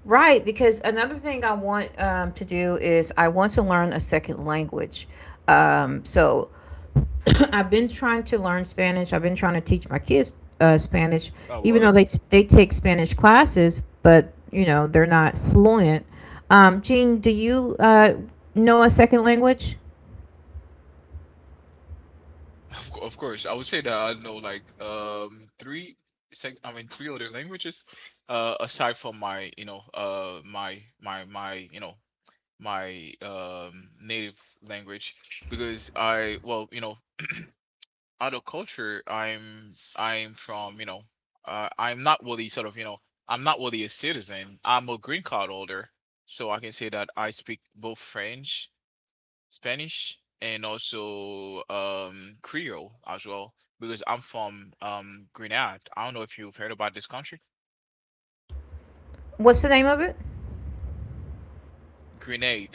S1: right, because another thing I want to do is I want to learn a second language. So *coughs* *clears throat* I've been trying to learn Spanish. I've been trying to teach my kids Spanish,
S2: Oh,
S1: even
S2: well,
S1: though they take Spanish classes, but you know they're not fluent. Jean, do you know a second language?
S2: Of course, I would say that I know like three I mean three other languages, aside from my you know my you know my native language because I well you know other culture I'm I'm from you know I'm not really sort of you know I'm not really a citizen. I'm a green card holder, so I can say that I speak both French, Spanish, and also Creole as well, because I'm from Grenade. I don't know if you've heard about this country.
S1: What's the name of it?
S2: Grenade?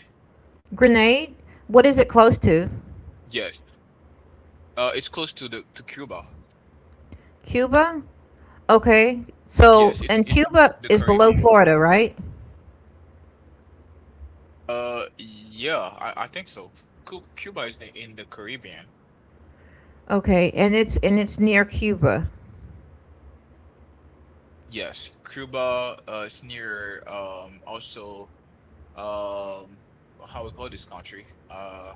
S1: Grenade? What is it close to?
S2: Yes, it's close to the to Cuba.
S1: Cuba? Okay.
S2: Yes,
S1: So,
S2: it's
S1: and
S2: it's in
S1: Cuba
S2: the
S1: is below
S2: Caribbean.
S1: Florida, right?
S2: Yeah, I think so. Cuba is in the Caribbean.
S1: Okay, and it's near Cuba.
S2: Yes, Cuba is near also, um how we call this country. Uh,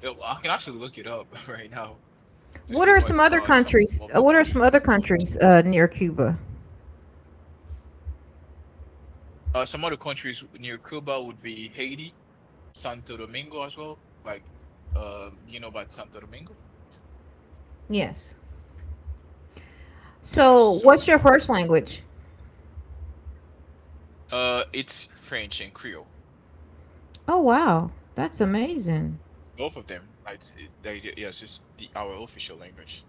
S2: it- I can actually look it up *laughs* right now to see
S1: What
S2: what
S1: are some
S2: are
S1: other
S2: some of
S1: countries?
S2: the
S1: What
S2: countries
S1: are
S2: that
S1: some
S2: are
S1: other
S2: close.
S1: countries near Cuba?
S2: Some other countries near Cuba would be Haiti, Santo Domingo as well. Like, you know about Santo Domingo?
S1: Yes.
S2: Yes.
S1: So,
S2: So
S1: what's your
S2: yeah,
S1: first language?
S2: it's French and Creole.
S1: Oh, wow. That's amazing.
S2: Both of them. Like, they, yes, it's the our official language.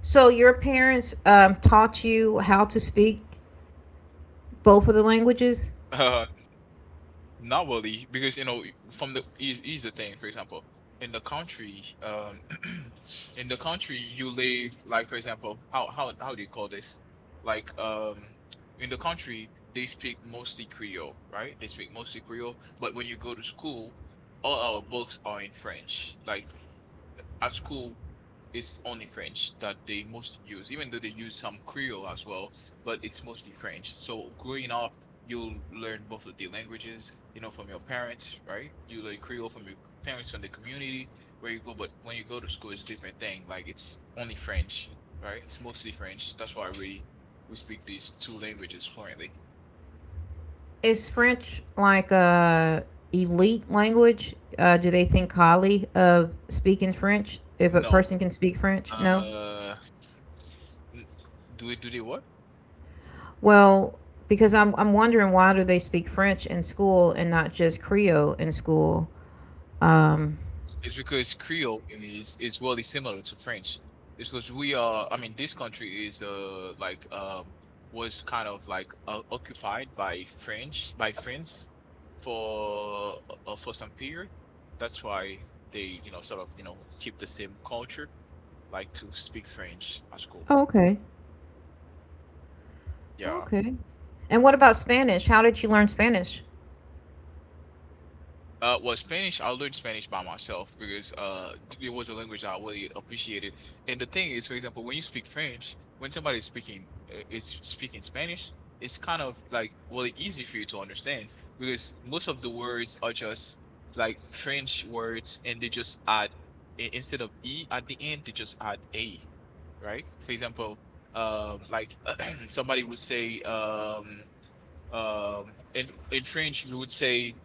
S1: So, your parents taught you how to speak both of the languages?
S2: *laughs* Not really, because you know, from the is the thing. For example, in the country, *clears throat* in the country you live, like for example, how do you call this, like, in the country they speak mostly Creole, right? They speak mostly Creole, but when you go to school, all our books are in French. Like at school, it's only French that they mostly use, even though they use some Creole as well, but it's mostly French. So growing up, you'll learn both of the languages, you know, from your parents, right? You learn Creole from your parents, from the community where you go, but when you go to school, it's a different thing. Like it's only French, right? It's mostly French. That's why we speak these two languages fluently.
S1: Is French like a elite language? Do they think highly of speaking French if a
S2: No,
S1: person can speak French? No.
S2: uh, do they what?
S1: Well, because I'm wondering why do they speak French in school and not just Creole in school? Um,
S2: It's because Creole in is really similar to French. It's because we are. I mean, this country is like was kind of like occupied by French by France for for some period. That's why they you know sort of you know keep the same culture, like to speak French at school.
S1: oh, okay,
S2: Yeah.
S1: okay. And what about Spanish? How did you learn Spanish?
S2: Well, Spanish. I learned Spanish by myself because it was a language I really appreciated. And the thing is, for example, when you speak French, when somebody is speaking Spanish, it's kind of like really easy for you to understand, because most of the words are just like French words, and they just add instead of e at the end, they just add a, right? For example, like *clears throat* somebody would say, um in French we would say,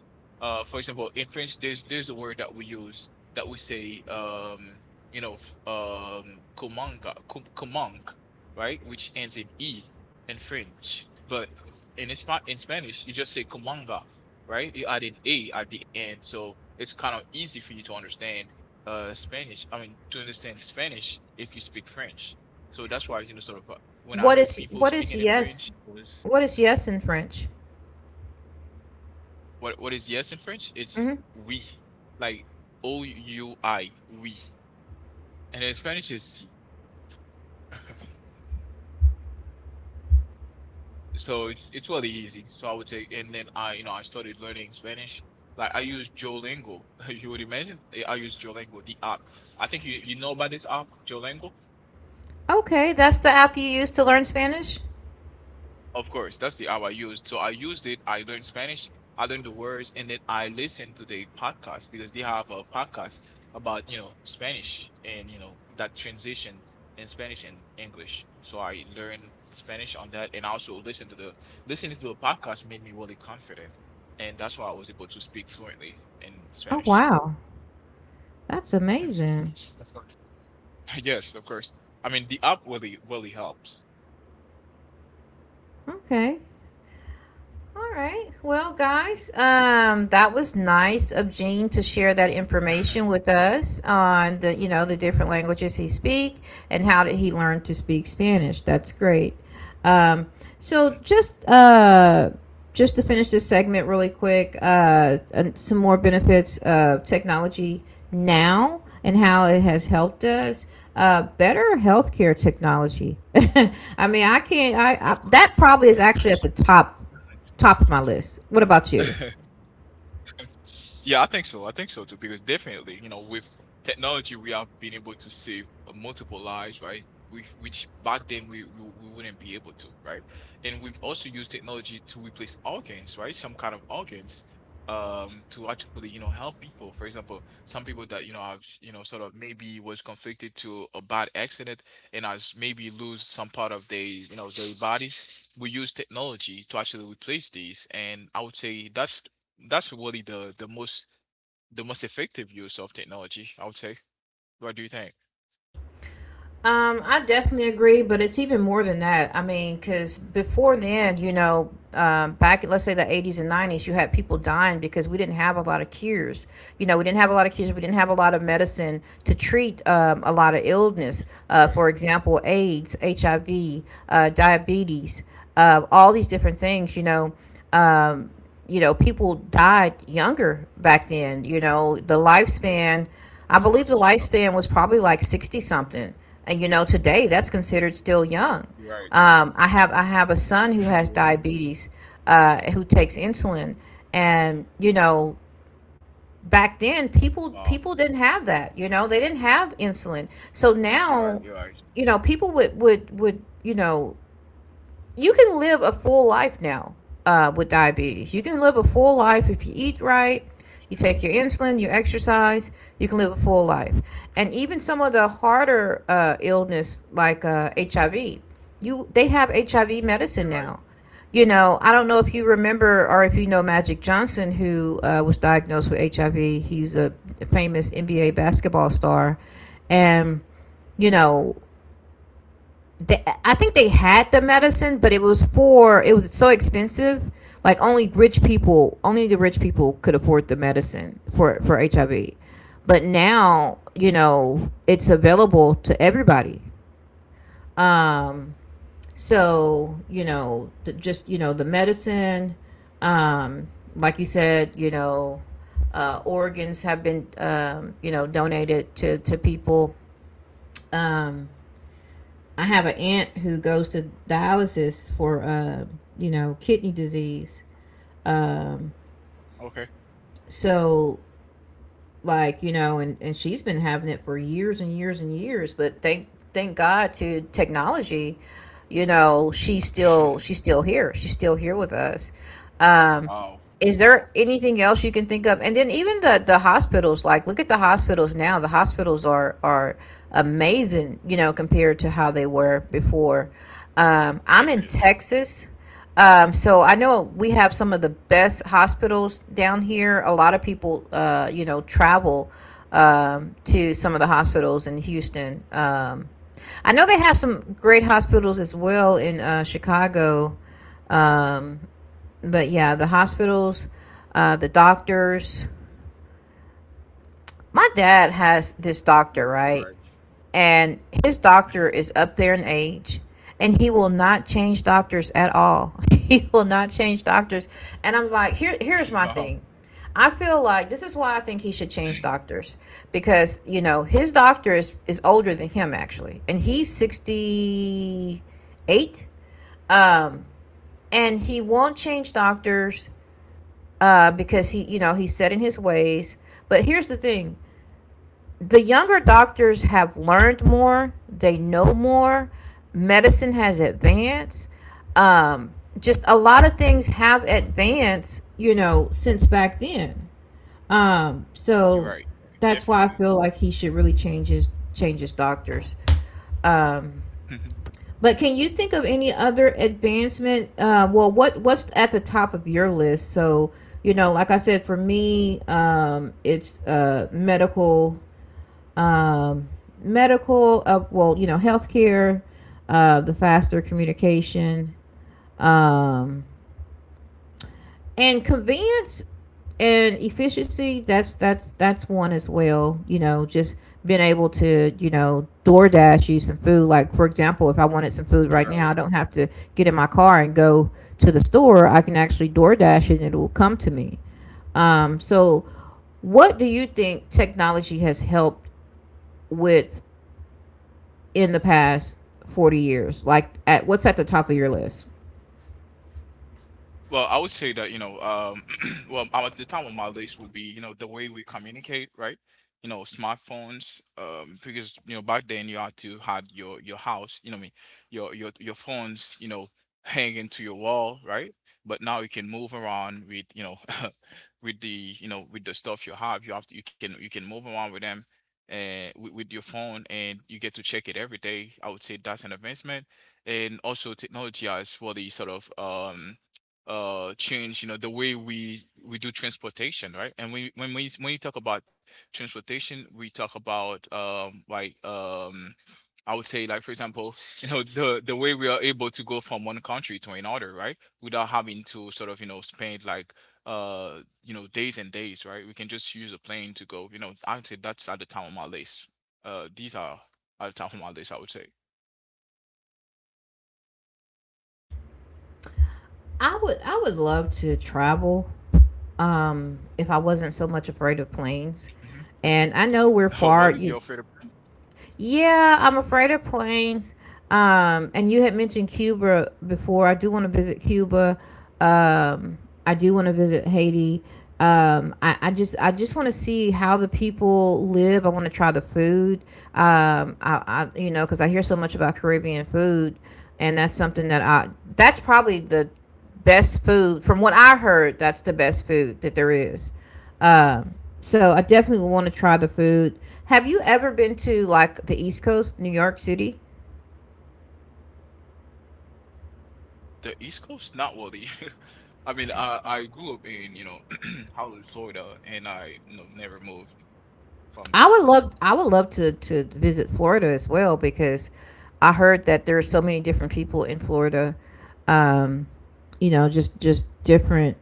S2: for example in French there's a word that we use, that we say, you know, comanga comanque, right, which ends in e in French, but in in Spanish you just say comanga, right? You add an a at the end, so it's kind of easy for you to understand Spanish. I mean, to understand Spanish if you speak French. So that's why you know sort of when I
S1: What
S2: heard
S1: is
S2: people
S1: what is
S2: speaking in
S1: yes?
S2: French, it was.
S1: What is yes in French?
S2: What is yes in French? It's
S1: Hmm.
S2: oui, like oui, oui, and in Spanish is si. *laughs* So it's really easy. So I would say, and then I you know I started learning Spanish. Like I use Duolingo. *laughs* You would imagine I use Duolingo, the app. I think you know about this app, Duolingo.
S1: Okay, that's the app you use to learn Spanish.
S2: Of course, that's the app I used. So I used it. I learned Spanish. I learned the words, and then I listened to the podcast because they have a podcast about you know Spanish and you know that transition in Spanish and English. So I learned Spanish on that, and I also listened to the listening to the podcast made me really confident, and that's why I was able to speak fluently in
S1: Oh
S2: Spanish.
S1: wow, that's amazing.
S2: *laughs* Of course. Yes, of course. I mean the app really really helps.
S1: Okay, all right. Well, guys, that was nice of Gene to share that
S2: *laughs*
S1: information with us on the, you know, the different languages he speaks and how did he learn to speak Spanish. That's great. Um, so just to finish this segment really quick, and some more benefits of technology now and how it has helped us. Better healthcare technology. *laughs* I mean, I can't.
S2: Of
S1: I That probably is
S2: course.
S1: actually at the top, top of my list. What about you?
S2: Correct. *laughs* Yeah, I think so. I think so too, because definitely, you know, with technology, we have been able to save multiple lives, right? Which back then we wouldn't be able to, right? And we've also used technology to replace organs, right? Some kind of organs, to actually, you know, help people. For example, some people that you know have, you know, sort of maybe was conflicted to a bad accident and has maybe lose some part of their body. We use technology to actually replace these, and I would say that's really the most effective use of technology, I would say. What do you think?
S1: I definitely agree, but it's even more than that. I mean, because before
S2: Hmm.
S1: then, you know, back in, let's say the 80s and 90s, you had people dying because we didn't have a lot of cures. You know, we didn't have a lot of cures. We didn't have a lot of medicine to treat a lot of illness.
S2: You're right.
S1: For example, AIDS, HIV, diabetes, all these different things. You know, um, you know, people died younger back then. You know, the lifespan, I
S2: Of
S1: believe
S2: course.
S1: the
S2: Of course.
S1: lifespan was probably like 60 something. And, you know, today that's considered still young.
S2: You're right.
S1: I have a son who
S2: *laughs*
S1: has
S2: You're right.
S1: diabetes, who takes insulin, and you know back then people
S2: Wow.
S1: people didn't have that. You know they didn't have insulin, so
S2: You're
S1: now
S2: right. You're right.
S1: you know people would you know you can live a full life now with diabetes. You can live a full life if you eat right, you take
S2: Mhm.
S1: your insulin, you exercise, you can live a full life. And even some of the harder illness like HIV, you they have HIV
S2: *laughs*
S1: medicine
S2: You're right.
S1: now. You know, I don't know if you remember or if you know Magic Johnson, who was diagnosed with HIV. He's a famous NBA basketball star, and you know they, I think they had the medicine, but it was so expensive. Like only rich people, only the rich people could afford the medicine for HIV. But now, you know, it's available to everybody. Um, so you know, the, just you know, the medicine. Um, like you said, you know, organs have been you know donated to people. Um, I have an aunt who goes to dialysis for, you know, kidney disease. Um,
S2: Okay.
S1: so, like, you know, and she's been having it for years and years and years. But thank God to technology, you know, she's still she's
S2: *laughs*
S1: still here. She's still here with us. Um,
S2: Wow.
S1: is
S2: Wow.
S1: there anything else you can think of? And then even the hospitals, like look at the hospitals now. The hospitals are amazing, you know, compared to how they were before. I'm in
S2: Definitely.
S1: Texas, so I know we have some of the best hospitals down here. A lot of people you know travel to some of the hospitals in Houston. I know they have some great hospitals as well in Chicago. um. But yeah, the hospitals, the doctors. My dad has this doctor,
S2: You're right. You're
S1: right?
S2: right.
S1: And his doctor is up there in age, and he will not change doctors at all. *laughs* He will not change doctors. And I'm like, here,
S2: *laughs*
S1: here's my
S2: Wow.
S1: thing. I feel like this is why I think he should change doctors, because you know his doctor is older than him actually, and he's 68. Um, and he won't change doctors. Because he, you know, he's set in his ways. But here's the thing: the younger doctors have learned more, they know more, medicine has advanced. Just a lot of things have advanced, you know, since back then.
S2: You're
S1: So
S2: right.
S1: that's why I
S2: Definitely.
S1: feel like he should really change his doctors. Um,
S2: *laughs*
S1: but can you think of any other advancement? Well, what's at the top of your list? So you know, like I said, for me, it's medical, um, medical. Well, you know, healthcare, the faster communication, um, and convenience and efficiency. That's one as well, you know, just being able to you know DoorDash you some food. Like, for example, if I wanted some food right
S2: You're
S1: now, I
S2: right.
S1: don't have to get in my car and go to the store. I can actually DoorDash it and it will come to me. So what do you think technology has helped with in the past 40 years? Like at what's at the top of your list?
S2: Well, I would say that, you know, *clears throat* well, the top of my list would be, you know, the way we communicate, right? You know, smartphones, because, you know, back then you had your house, you know, what I mean, your phones, you know, hanging to your wall, right? But now you can move around with, you know, *laughs* with the, you know, with the stuff you have to, you can move around with them, and with, your phone, and you get to check it every day. I would say that's an advancement. And also technology has really sort of change you know the way we do transportation, right, and we when you talk about transportation, we talk about, I would say, like for example, *laughs* you know, the way we are able to go from one country to another, right, without having to sort of you know spend like you know days and days, right? We can just use a plane to go. You know, I would say that's at the top of my list. These are at the top of my list, I would say.
S1: I would love to travel if I wasn't so much afraid of planes.
S2: Hmm.
S1: And I know we're
S2: *laughs* Oh, well,
S1: far,
S2: you're
S1: you
S2: afraid of
S1: yeah, I'm afraid of planes. And you had mentioned Cuba before. I do want to visit Cuba. Um, I do want to visit Haiti. I just want to see how the people live. I want to try the food. I you know because I hear so much about Caribbean food, and that's something that I that's probably the best food from what I heard. That's the best food that there is. Um, so I definitely want to try the food. Have you ever been to like the East Coast, New York City?
S2: the East Coast? Not really. *laughs* I mean, I grew up in you know *clears throat* Hollywood, Florida, and I you know never moved from there.
S1: I would love to visit Florida as well, because I heard that there are so many different people in Florida. Um, you know, just different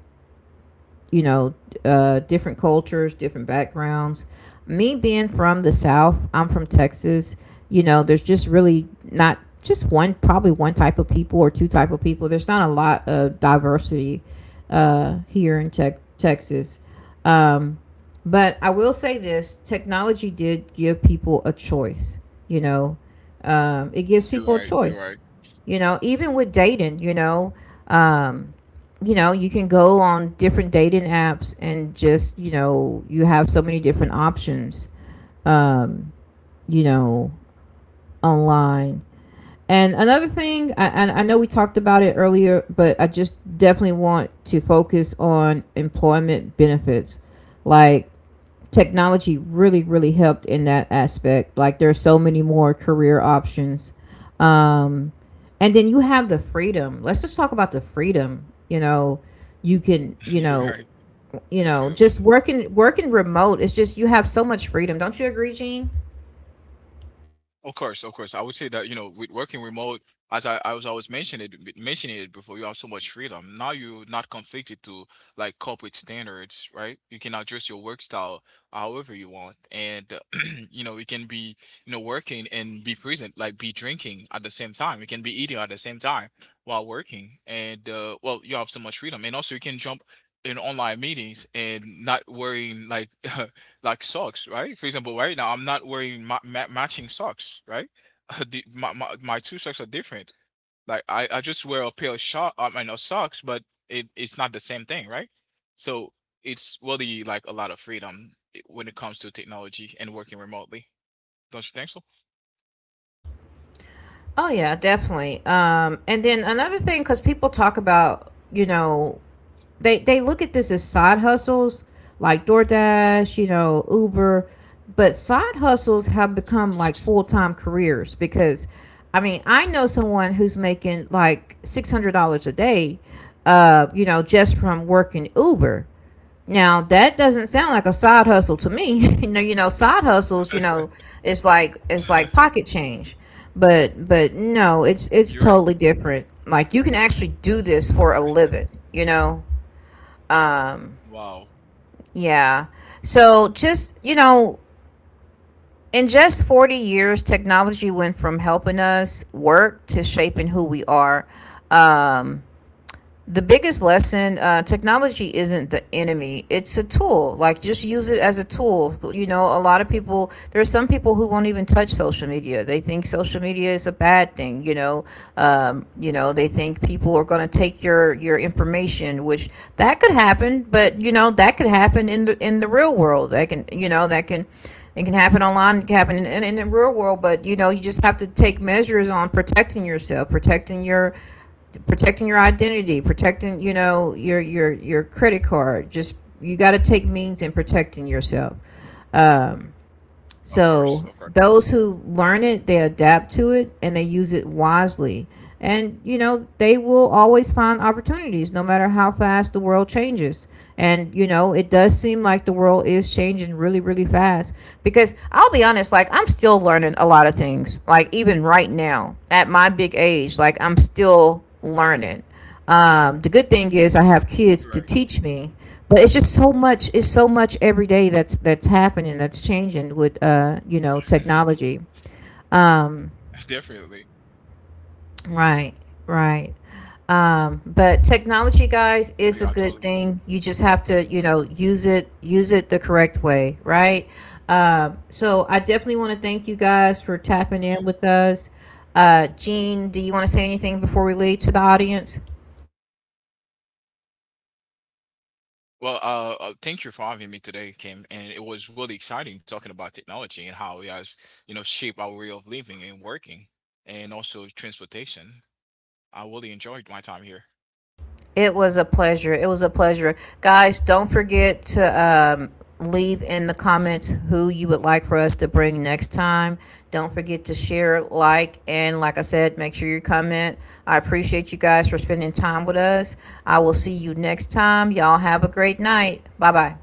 S1: you know, different cultures, different backgrounds. Me being from the South, I'm from Texas. You know, there's just really not just one, probably one type of people or two type of people. There's not a lot of diversity here in Texas. Um, but I will say this: technology did give people a choice. You know, it gives
S2: You're
S1: people a
S2: right. You're
S1: choice.
S2: right.
S1: You know, even with dating, you know. Um, you know, you can go on different dating apps and just, you know, you have so many different options, um, you know, online. And another thing, I know we talked about it earlier, but I just definitely want to focus on employment benefits. Like, technology really, really helped in that aspect. Like, there's so many more career options. Um, and then you have the freedom. Let's just talk about the freedom. You know, you can,
S2: *laughs* You're right.
S1: you know,
S2: Definitely.
S1: just working remote is just you have so much freedom. Don't you agree, Gene?
S2: Of course, of course. I would say that, you know, with working remote, as I was always mentioning it before, you have so much freedom. Now you're not conflicted to like corporate standards, right? You can adjust your work style however you want. And *clears throat* you know, you can be, you know, working and be present, like be drinking at the same time. You can be eating at the same time while working. And well, you have so much freedom. And also you can jump in online meetings and not worrying like *laughs* like socks, right? For example, right now I'm not wearing matching socks, right? *laughs* My, two socks are different. Like I just wear a pair of short, I mean, of socks, but it's not the same thing, right? So it's really like a lot of freedom when it comes to technology and working remotely. Don't you think so?
S1: Oh yeah, definitely. And then another thing, because people talk about, you know, they look at this as side hustles like DoorDash, you know, Uber, but side hustles have become like full time careers because, I mean, I know someone who's making like $600 a day, you know, just from working Uber. Now that doesn't sound like a side hustle to me. *laughs* You know, you know, side hustles, you know, it's like
S2: *laughs*
S1: pocket change. But No, it's
S2: You're right.
S1: totally different. Like you can actually do this for a living, you know. Um
S2: Wow.
S1: yeah. So just, you know, in just 40 years, technology went from helping us work to shaping who we are. Um the biggest lesson: technology isn't the enemy, it's a tool. Like just use it as a tool. You know, a lot of people, there are some people who won't even touch social media. They think social media is a bad thing, you know, you know they think people are going to take your information, which that could happen. But you know that could happen in the real world. That can, you know, that can it can happen online, it can happen in the real world. But you know you just have to take measures on protecting yourself, protecting your identity, protecting you know your credit card. Just you got to take means in protecting yourself. Um,
S2: Of course, of
S1: so
S2: course.
S1: those who learn it, they adapt to it and they use it wisely. And you know, they will always find opportunities no matter how fast the world changes. And you know, it does seem like the world is changing really really fast because I'll be honest, like I'm still learning a lot of things. Like even right now at my big age, like I'm still learning. The good thing is I have kids
S2: You're
S1: to
S2: right.
S1: teach me, but it's just so much. It's so much every day that's happening, that's changing with you know
S2: *laughs*
S1: technology. Um,
S2: Definitely.
S1: right, right. But technology, guys,
S2: Yeah, I
S1: is a
S2: totally
S1: good thing. You just have to
S2: right.
S1: you know use it the correct way, right? So I definitely want to thank you guys for
S2: Of
S1: tapping in
S2: course.
S1: with us. Gene, do you want to say anything before we leave to the audience?
S2: Well, thank you for having me today, Kim. And it was really exciting talking about technology and how it has, you know, shaped our way of living and working, and also transportation. I really enjoyed my time here.
S1: It was a pleasure. It was a pleasure. Guys, don't forget to leave in the comments who you would like for us to bring next time. Don't forget to share, like, and like I said, make sure you comment. I appreciate you guys for spending time with us. I will see you next time. Y'all have a great night. Bye bye.